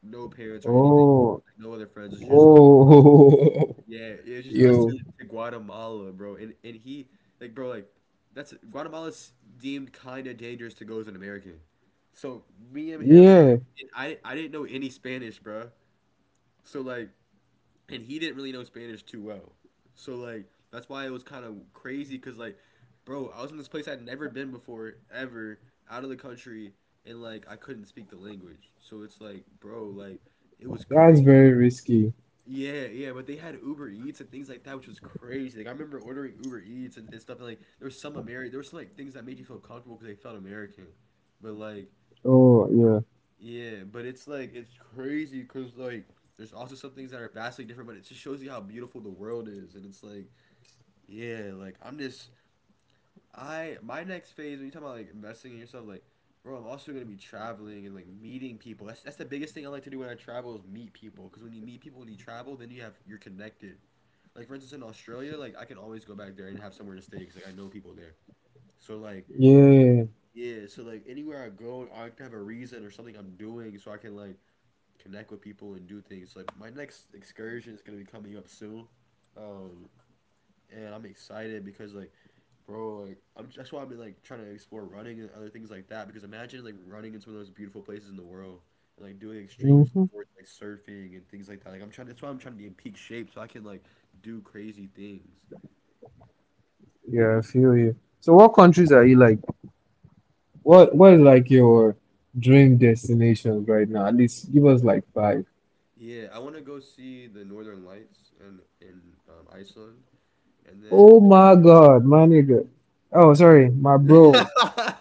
Speaker 1: no parents or anything,
Speaker 2: Oh,
Speaker 1: like, no other friends. It's just us,
Speaker 2: oh,
Speaker 1: yeah, it's just us
Speaker 2: yo,
Speaker 1: to Guatemala, bro. And he, like, bro, like that's, Guatemala's deemed kind of dangerous to go as an American. So me and him,
Speaker 2: yeah,
Speaker 1: I didn't know any Spanish, bro. So like, and he didn't really know Spanish too well. So like, that's why it was kind of crazy because like, bro, I was in this place I'd never been before ever, out of the country, and like I couldn't speak the language. So it's like, bro, like it was
Speaker 2: that's
Speaker 1: crazy.
Speaker 2: very risky.
Speaker 1: Yeah, yeah, but they had Uber Eats and things like that, which was crazy. Like I remember ordering Uber Eats and stuff. And like there was some American, there were some like things that made you feel comfortable because they felt American. But like
Speaker 2: Oh, yeah,
Speaker 1: yeah, but it's like it's crazy because like there's also some things that are vastly different, but it just shows you how beautiful the world is, and it's like yeah, like I'm just I my next phase when you talk about like investing in yourself, like, bro, I'm also gonna be traveling and like meeting people. That's the biggest thing I like to do when I travel is meet people, because when you meet people when you travel, then you're connected. Like for instance in Australia, like I can always go back there and have somewhere to stay because like I know people there. So like
Speaker 2: yeah,
Speaker 1: yeah, so like anywhere I go, I have to have a reason or something I'm doing so I can like connect with people and do things. Like my next excursion is gonna be coming up soon, um, and I'm excited because like, bro, like I'm that's why I've been like trying to explore running and other things like that. Because imagine like running in some of those beautiful places in the world and like doing extreme
Speaker 2: hmm,
Speaker 1: sports like surfing and things like that. Like I'm trying. That's why I'm trying to be in peak shape so I can like do crazy things.
Speaker 2: yeah, I feel you. So, what countries are you like? What is like your dream destinations right now? At least give us like five.
Speaker 1: Yeah, I want to go see the Northern Lights in Iceland, and then
Speaker 2: Oh my God, my nigga. Oh, sorry, my
Speaker 1: yeah,
Speaker 2: bro.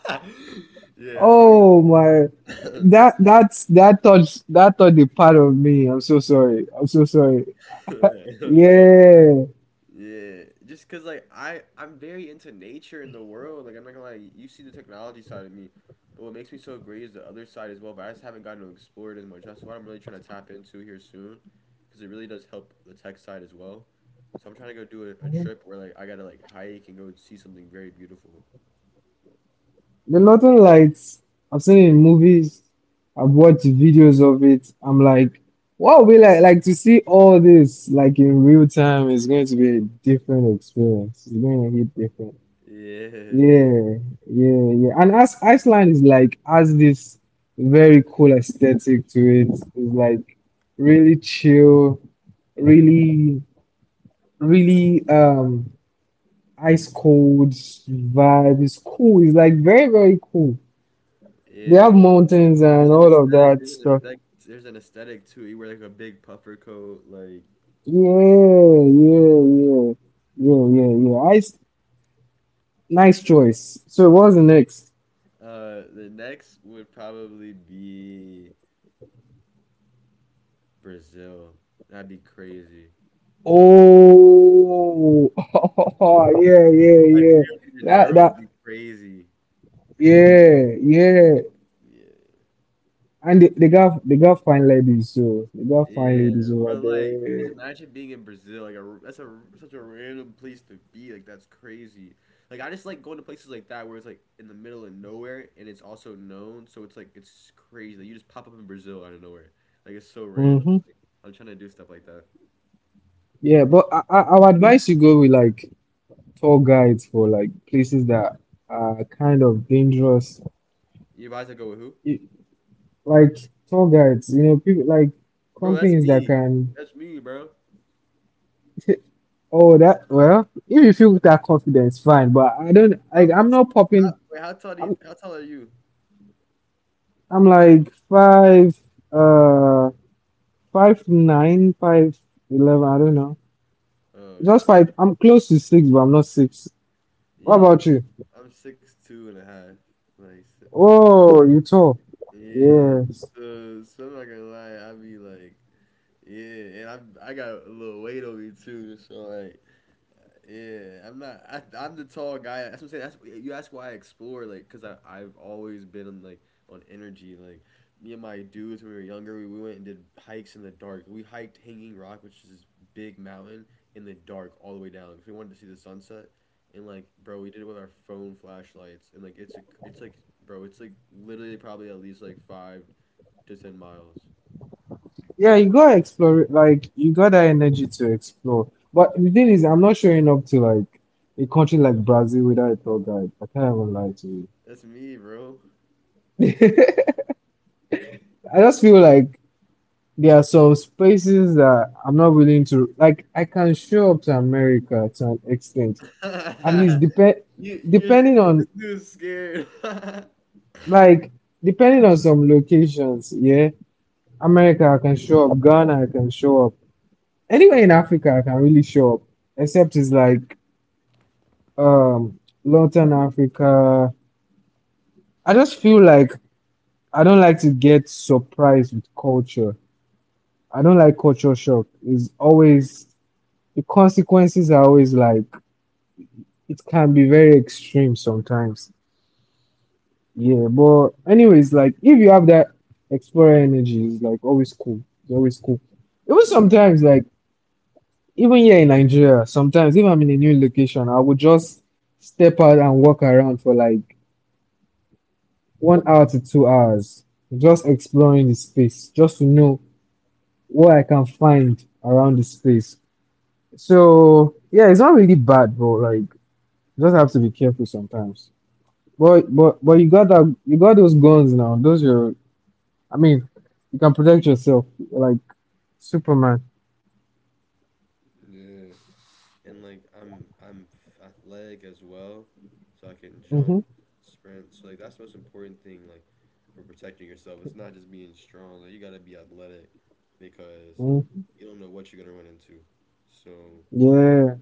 Speaker 1: I wanna
Speaker 2: Oh my,
Speaker 1: go.
Speaker 2: that touched a part of me. I'm so sorry. I'm so sorry.
Speaker 1: Yeah,
Speaker 2: Yeah,
Speaker 1: yeah. Just cause like I'm very into nature and the world. Like I'm not gonna lie, you see the technology side of me, but what makes me so great is the other side as well. But I just haven't gotten to explore it as much. That's what I'm really trying to tap into here soon, because it really does help the tech side as well. So I'm trying to go do a trip where like I gotta like hike and go see something very beautiful.
Speaker 2: the Northern Lights. I've seen it in movies. I've watched videos of it. I'm like, wow, we like to see all this like in real time is going to be a different experience. It's going to hit different.
Speaker 1: Yeah,
Speaker 2: Yeah, yeah, yeah. And as Iceland is like has this very cool aesthetic to it. It's like really chill, really, really ice cold vibe. It's cool. It's like very, very cool. They have
Speaker 1: yeah.
Speaker 2: mountains and
Speaker 1: There's an
Speaker 2: all of
Speaker 1: aesthetic.
Speaker 2: that
Speaker 1: There's an
Speaker 2: stuff.
Speaker 1: aesthetic. There's an aesthetic too. You wear like a big puffer coat, like,
Speaker 2: Yeah, yeah, yeah, yeah, yeah, yeah. Nice choice. So what's the next?
Speaker 1: uh, the next would probably be Brazil. That'd be crazy.
Speaker 2: Oh, yeah, yeah,
Speaker 1: Like
Speaker 2: yeah.
Speaker 1: Rio de
Speaker 2: That
Speaker 1: Janeiro would
Speaker 2: that
Speaker 1: be crazy. Like the beach.
Speaker 2: yeah, yeah.
Speaker 1: Yeah.
Speaker 2: And they got fine ladies, so they got fine
Speaker 1: Yeah,
Speaker 2: ladies over
Speaker 1: but like, just
Speaker 2: there.
Speaker 1: imagine being in Brazil. Like, a, that's a such a random place to be. Like, that's crazy. Like, I just like going to places like that where it's like in the middle of nowhere and it's also known. So it's like it's crazy. Like, you just pop up in Brazil out of nowhere. Like, it's so random.
Speaker 2: Mm-hmm.
Speaker 1: I'm trying to do stuff like that.
Speaker 2: Yeah, but I would advise you go with like tour guides for like places that are kind of dangerous.
Speaker 1: You guys to go with who?
Speaker 2: It- like tour guides, people like
Speaker 1: Bro, that's
Speaker 2: companies that
Speaker 1: me.
Speaker 2: can
Speaker 1: That's me, bro.
Speaker 2: Oh, that, well, if you feel that confidence, fine. But I don't
Speaker 1: Well,
Speaker 2: like
Speaker 1: I'm
Speaker 2: I'm not popping.
Speaker 1: how tall do you,
Speaker 2: I'm.
Speaker 1: how tall are you?
Speaker 2: I'm like uh, 5'9", 5'11". I don't know.
Speaker 1: Oh,
Speaker 2: Just
Speaker 1: okay.
Speaker 2: five. I'm close to six, but I'm not six. What
Speaker 1: Yeah,
Speaker 2: about you?
Speaker 1: I'm 6'2" and a half. Like, so,
Speaker 2: Oh, you tall.
Speaker 1: yeah.
Speaker 2: Yes.
Speaker 1: So I'm not gonna lie, I be like, yeah, and I got a little weight on me too. So like, yeah, I'm not. I'm the tall guy. That's what I'm saying. That's, you ask why I explore, like, cause I've always been on like on energy. Like me and my dudes when we were younger, we went and did hikes in the dark. We hiked Hanging Rock, which is this big mountain in the dark all the way down, cause we wanted to see the sunset. And like, bro, we did it with our phone flashlights, and like, it's like, bro, it's like literally probably at least like 5 to 10 miles.
Speaker 2: Yeah,
Speaker 1: Like,
Speaker 2: you gotta explore. Like you got that energy to explore. But the thing is, I'm not showing up to like a country like Brazil without a tour guide. I can't even lie to you.
Speaker 1: that's me, bro.
Speaker 2: I just feel like there are some spaces that I'm not willing to like. I can show up to America to an extent, at least
Speaker 1: You
Speaker 2: depending
Speaker 1: this
Speaker 2: on
Speaker 1: dude's scared.
Speaker 2: like depending on some locations, yeah. America I can show up, Ghana I can show up. Anywhere in Africa I can really show up. Except it's like um Northern Africa. I just feel like I don't like to get surprised with culture. I don't like culture shock. It's always the consequences are always like it can be very extreme sometimes. Yeah, but anyways, like if you have that explorer energy, it's like always cool. It's always cool. Even sometimes, like even here in Nigeria, sometimes if I'm in a new location, I would just step out and walk around for like 1 hour to 2 hours, just exploring the space, just to know what I can find around the space. So yeah, it's not really bad, but like you just have to be careful sometimes. But you got those guns now. Those your. I mean, you can protect yourself like Superman.
Speaker 1: Yeah. And like I'm athletic as well, so I can jump,
Speaker 2: Hmm.
Speaker 1: sprint. So like that's the most important thing like for protecting yourself. It's not just being strong. Like you gotta be athletic because
Speaker 2: Hmm.
Speaker 1: you don't know what you're gonna run into. So
Speaker 2: Yeah.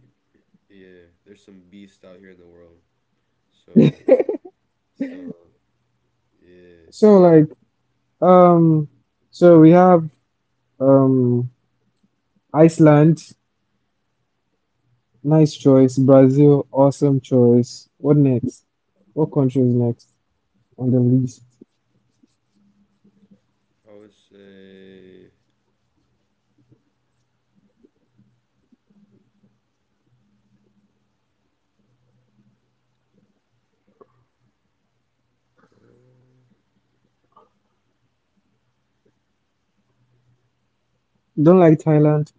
Speaker 1: yeah, there's some beasts out here in the world. So so yeah.
Speaker 2: So
Speaker 1: So
Speaker 2: like um, so we have um Iceland, nice choice. Brazil, awesome choice. What next? What country is next on the list?
Speaker 1: I would say, uh,
Speaker 2: Don't like Thailand?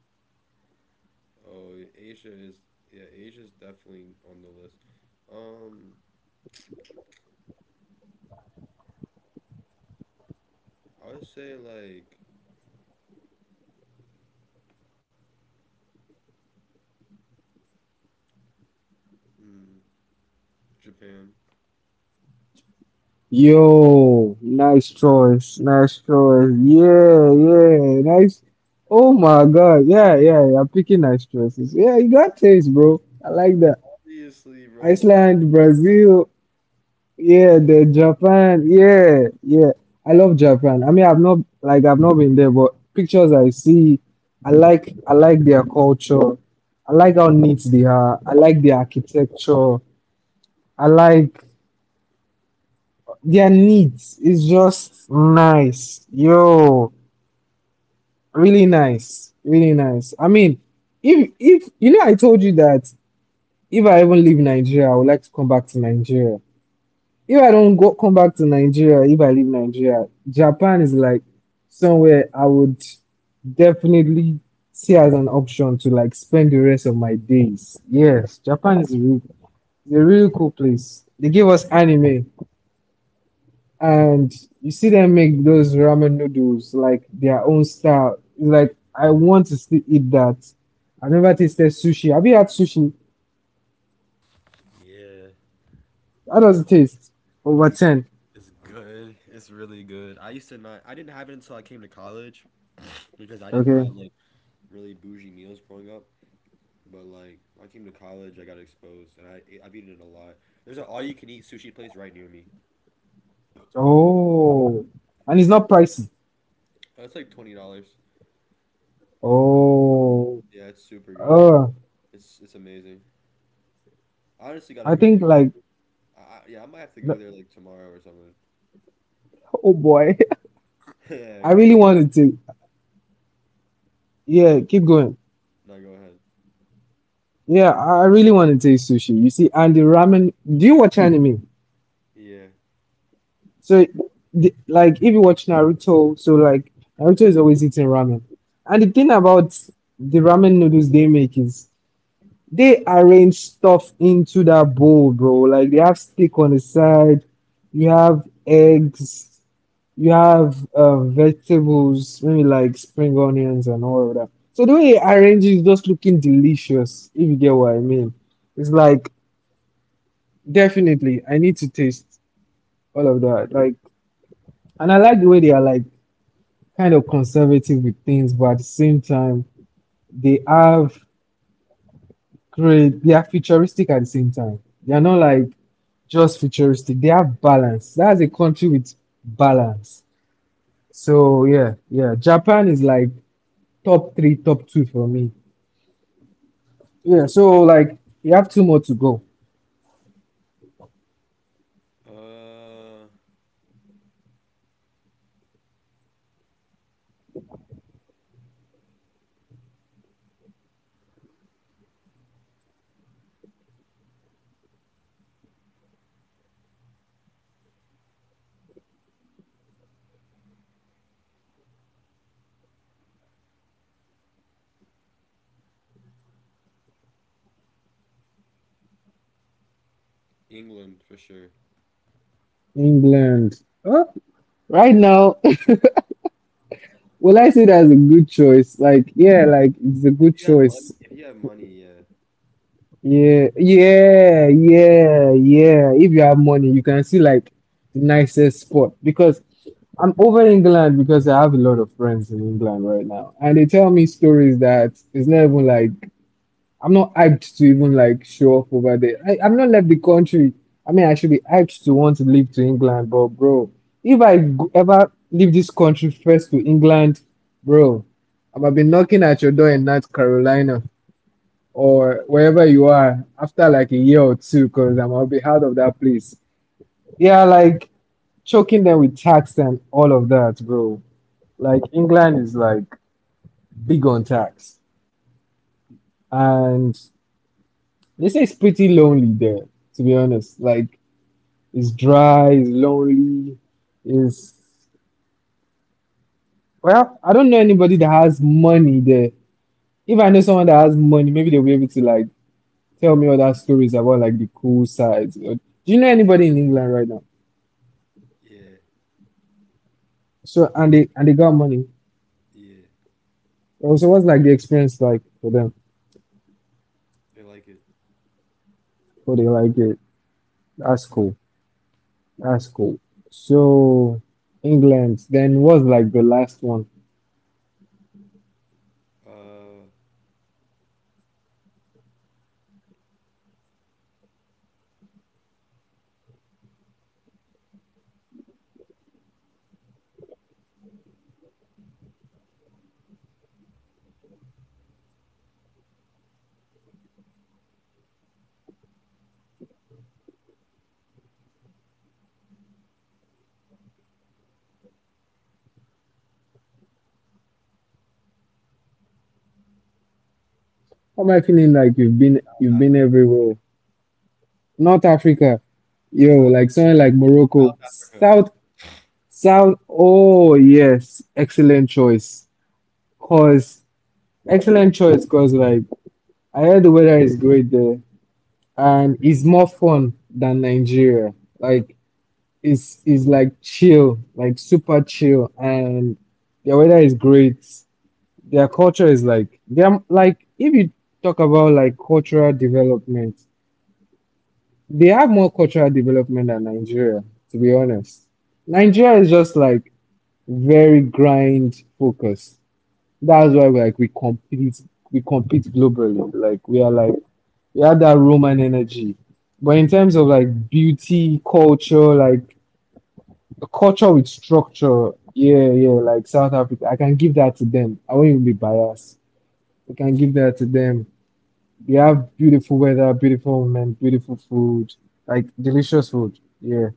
Speaker 1: oh, Asia is yeah, Asia's definitely on the list. Um, I would say like, hmm, Japan.
Speaker 2: Yo, nice choice, nice choice. Yeah, yeah, nice. Oh my God, yeah, yeah, yeah, I'm picking nice choices. Yeah, you got taste, bro. I like that.
Speaker 1: Obviously, bro.
Speaker 2: Iceland, Brazil, yeah, the Japan, yeah, yeah. I love Japan. I mean, I've not been there, but pictures I see, I like their culture. I like how neat they are. I like their architecture. I like their neat. It's just nice. Yo, really nice. Really nice. I mean, if you know I told you that if I even leave Nigeria, I would like to come back to Nigeria. If I don't go come back to Nigeria, if I leave Nigeria, Japan is like somewhere I would definitely see as an option to like spend the rest of my days. Yes, Japan is a really cool place. They give us anime, and you see them make those ramen noodles like their own style. It's like I want to still eat that. I've never tasted sushi. Have you had sushi?
Speaker 1: Yeah,
Speaker 2: How does it taste? Over
Speaker 1: it's
Speaker 2: 10.
Speaker 1: it's good. It's really good. I used to not. I didn't have it until I came to college, because I didn't
Speaker 2: Okay.
Speaker 1: have like really bougie meals growing up. But like, I came to college, I got exposed, and I've eaten it a lot. There's an all-you-can-eat sushi place right near me.
Speaker 2: Oh, and it's
Speaker 1: Yeah,
Speaker 2: not pricey.
Speaker 1: it's like $20.
Speaker 2: Oh,
Speaker 1: Yeah, it's super good.
Speaker 2: uh,
Speaker 1: It's amazing. I honestly gotta
Speaker 2: I
Speaker 1: go
Speaker 2: think
Speaker 1: there
Speaker 2: like,
Speaker 1: I, yeah, I might have to
Speaker 2: the-
Speaker 1: go there like tomorrow or something.
Speaker 2: oh boy,
Speaker 1: Yeah,
Speaker 2: I
Speaker 1: because
Speaker 2: really
Speaker 1: that.
Speaker 2: wanted to.
Speaker 1: Oh,
Speaker 2: Yeah,
Speaker 1: go,
Speaker 2: keep going.
Speaker 1: no, go ahead.
Speaker 2: Yeah, I really wanted to taste sushi. You see, and the ramen. Do you watch anime?
Speaker 1: Yeah.
Speaker 2: So, like, if you watch Naruto, so like Naruto is always eating ramen. And the thing about the ramen noodles they make is they arrange stuff into that bowl, bro. Like they have steak on the side, you have eggs, you have vegetables, maybe like spring onions and all of that. So the way they arrange it is just looking delicious, if you get what I mean. It's like definitely I need to taste all of that. Like and I like the way they are like kind of conservative with things, but at the same time they have great. They are futuristic at the same time. They are not like just futuristic. They have balance. That's a country with balance. So yeah, yeah. Japan is like top three, top two for me. Yeah. So like you have two more to go.
Speaker 1: Uh, England for sure.
Speaker 2: England. Huh? Right now, will I say that's a good choice? Like yeah, like it's a
Speaker 1: If
Speaker 2: good
Speaker 1: you have
Speaker 2: choice.
Speaker 1: money, if you have money, yeah,
Speaker 2: Yeah, yeah, yeah, yeah. If you have money, you can see like the nicest spot because I'm over England because I have a lot of friends in England right now, and they tell me stories that it's not even like I'm not hyped to even like show off over there. I'm not left the country. I mean, I should be hyped to want to leave to England, but bro, if ever leave this country first to England, bro, I'm gonna be knocking at your door in North Carolina or wherever you are after like a year or two because I'll be out of that place. Yeah, like choking them with tax and all of that, bro. Like England is like big on tax. And they say it's pretty lonely there, to be honest. Like it's dry, it's lonely, it's well, I don't know anybody that has money there. If I know someone that has money, maybe they'll be able to like tell me other stories about like the cool sides. Or do you know anybody in England right now?
Speaker 1: yeah,
Speaker 2: So and they got money.
Speaker 1: yeah,
Speaker 2: So what's like the experience like for them?
Speaker 1: they like it.
Speaker 2: For they like it. That's cool. That's cool. So England. Then what's like the last one?
Speaker 1: Uh,
Speaker 2: How am I feeling like
Speaker 1: South
Speaker 2: you've been
Speaker 1: Africa,
Speaker 2: everywhere? North Africa. Yo,
Speaker 1: South
Speaker 2: like something like Morocco.
Speaker 1: South Africa.
Speaker 2: South south oh yes. Excellent choice. Cause excellent choice cause like I heard the weather is great there and it's more fun than Nigeria. Like is like chill, like super chill, and their weather is great. Their culture is like they're like if you talk about like cultural development, they have more cultural development than Nigeria, to be honest. Nigeria is just like very grind focused. That's why we compete globally. Like we are like we have that Roman energy. But in terms of like beauty, culture, like a culture with structure. Yeah, yeah, like South Africa. I can give that to them. I won't even be biased. I can give that to them. They have beautiful weather, beautiful women, beautiful food, like delicious food. Yeah.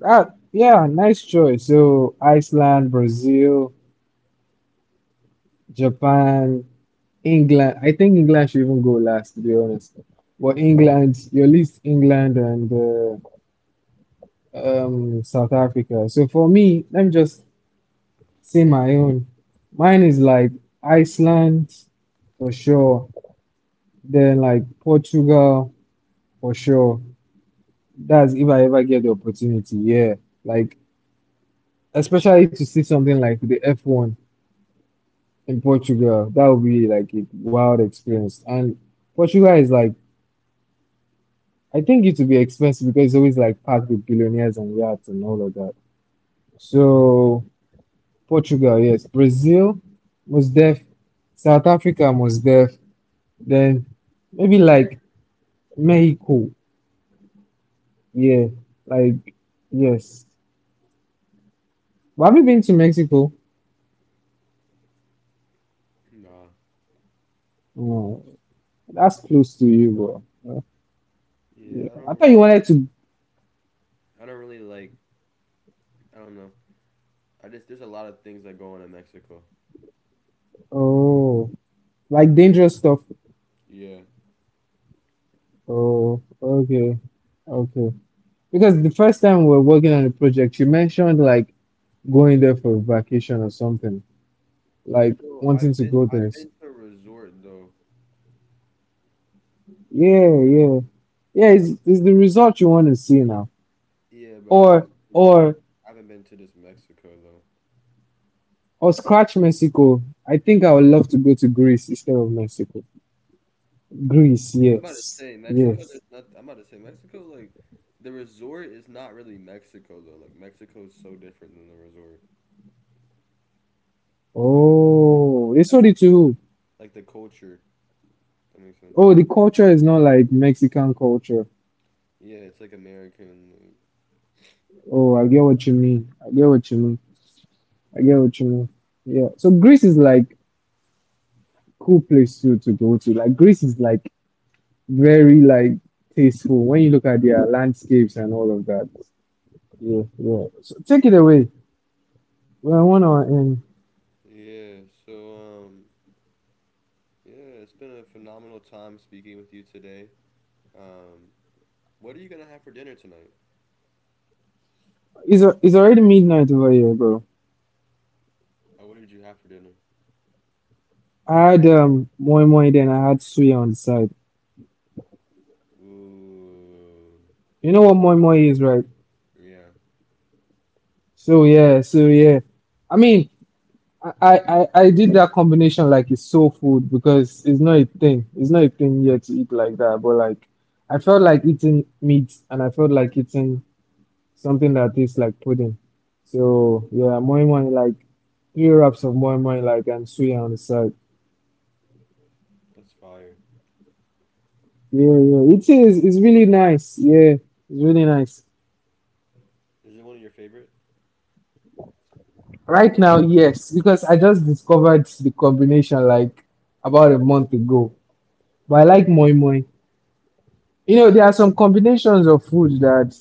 Speaker 2: That, yeah, nice choice. So Iceland, Brazil, Japan, England. I think England should even go last, to be honest. But England, your list England and South Africa. So for me, let me just see my own. Mine is like Iceland for sure. Then like Portugal for sure. That's if I ever get the opportunity. Yeah. Like especially to see something like the F1 in Portugal. That would be like a wild experience. And Portugal is like I think it would be expensive because it's always like packed with billionaires and yachts and all of that. So Portugal, yes. Brazil, most def. South Africa, most def. Then maybe like Mexico. Yeah, like yes. But have you been to Mexico?
Speaker 1: Nah.
Speaker 2: No, that's close to you, bro. Uh,
Speaker 1: Yeah,
Speaker 2: Yeah.
Speaker 1: I
Speaker 2: I
Speaker 1: don't
Speaker 2: thought you
Speaker 1: really.
Speaker 2: wanted to.
Speaker 1: I don't really like. I don't know. I just there's a lot of things that go on in Mexico.
Speaker 2: Oh, like dangerous stuff.
Speaker 1: Yeah.
Speaker 2: Oh, okay, okay. Because the first time we were working on the project, you mentioned like going there for vacation or something, like
Speaker 1: So
Speaker 2: wanting to go
Speaker 1: I've
Speaker 2: there.
Speaker 1: been to a resort though.
Speaker 2: Yeah, yeah, yeah. It's the result you want to see now,
Speaker 1: Yeah, but I
Speaker 2: or
Speaker 1: haven't been to like
Speaker 2: or
Speaker 1: I haven't been to this Mexico though.
Speaker 2: Or scratch Mexico. I think I would love to go to Greece instead of Mexico. Greece,
Speaker 1: I'm about to
Speaker 2: yes.
Speaker 1: say Mexico. There's
Speaker 2: Yes.
Speaker 1: not. I'm about to say Mexico. Like the resort is not really Mexico though. Like Mexico is so different than the resort.
Speaker 2: Oh, they
Speaker 1: I mean,
Speaker 2: sold it to who?
Speaker 1: like the culture. That makes sense.
Speaker 2: Oh, the culture is not like Mexican culture.
Speaker 1: Yeah, it's like American.
Speaker 2: Oh, I get what you mean. I get what you mean. I get what you mean. Yeah. So Greece is like cool place to go to. Like Greece is like very like tasteful when you look at their landscapes and all of that. Yeah, yeah. So take it away. We're on our end.
Speaker 1: Yeah. So um. Yeah, it's been a phenomenal time speaking with you today. Um, what are you gonna have for dinner tonight?
Speaker 2: It's already midnight over here, bro.
Speaker 1: Oh, what did you have for dinner?
Speaker 2: I had moi moi then I had suya on the side.
Speaker 1: Ooh,
Speaker 2: You know what moi moi is, right?
Speaker 1: yeah,
Speaker 2: So yeah, so yeah. I mean, I did that combination like it's soul food because it's not a thing. It's not a thing here to eat like that. But like, I felt like eating meat and I felt like eating something that tastes like pudding. So yeah, moi moi like three wraps of moi moi like and suya on the side.
Speaker 1: that's fire.
Speaker 2: Yeah, yeah. It is. It's really nice. Yeah, it's really nice.
Speaker 1: Is it one of your favorite?
Speaker 2: Right now, yes, because I just discovered the combination like about a month ago. But I like moi moi. You know, there are some combinations of food that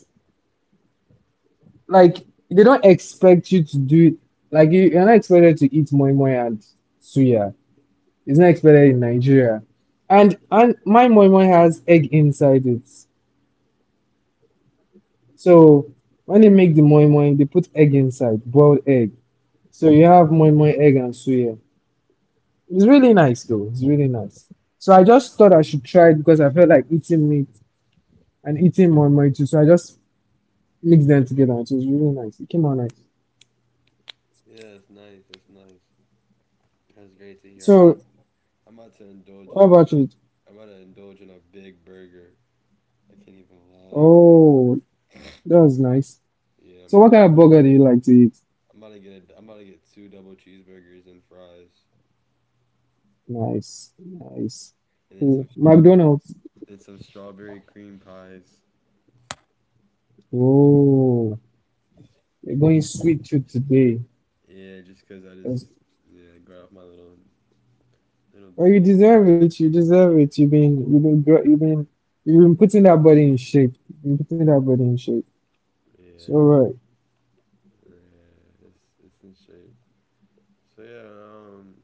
Speaker 2: like they don't expect you to do it. Like you're not expected to eat moi moi and suya. It's not expected in Nigeria. And my moi moi has egg inside it. So when they make the moi moi, they put egg inside, boiled egg. So you have moi moi egg and suya. It's really nice though. It's really nice. So I just thought I should try it because I felt like eating meat and eating more and too. So I just mixed them together. And it was really nice. It came out nice.
Speaker 1: Yeah, that's nice. That's nice. That's great to hear.
Speaker 2: So
Speaker 1: I'm about to indulge
Speaker 2: how
Speaker 1: in a
Speaker 2: about it?
Speaker 1: I'm about to indulge in a big burger. I can't even lie.
Speaker 2: Oh, that was nice.
Speaker 1: Yeah, I'm
Speaker 2: So
Speaker 1: about
Speaker 2: what
Speaker 1: to
Speaker 2: kind
Speaker 1: get,
Speaker 2: of burger do you like to eat?
Speaker 1: I'm about to get I'm about to get two double cheeseburgers and fries,
Speaker 2: Nice, nice.
Speaker 1: and then
Speaker 2: Cool.
Speaker 1: some strawberry
Speaker 2: McDonald's.
Speaker 1: and some strawberry cream pies.
Speaker 2: Oh, you're going sweet tooth today.
Speaker 1: Yeah, just 'cause I
Speaker 2: That's-
Speaker 1: just yeah, got off my little
Speaker 2: oh, you
Speaker 1: team.
Speaker 2: deserve it. You deserve it. You've been, gr- you've been, You've been putting that body in shape. You've been putting that body in shape. So
Speaker 1: Yeah,
Speaker 2: right.
Speaker 1: yeah, it's in shape. So yeah,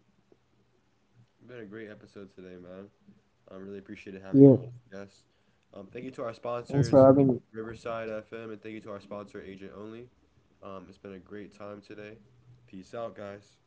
Speaker 1: been a great episode today, man. I, really appreciated
Speaker 2: Yeah,
Speaker 1: having you on as a guest. Thank you to our
Speaker 2: thanks for
Speaker 1: sponsors,
Speaker 2: having me.
Speaker 1: Riverside FM, and thank you to our sponsor, Agent Only. It's been a great time today. Peace out, guys.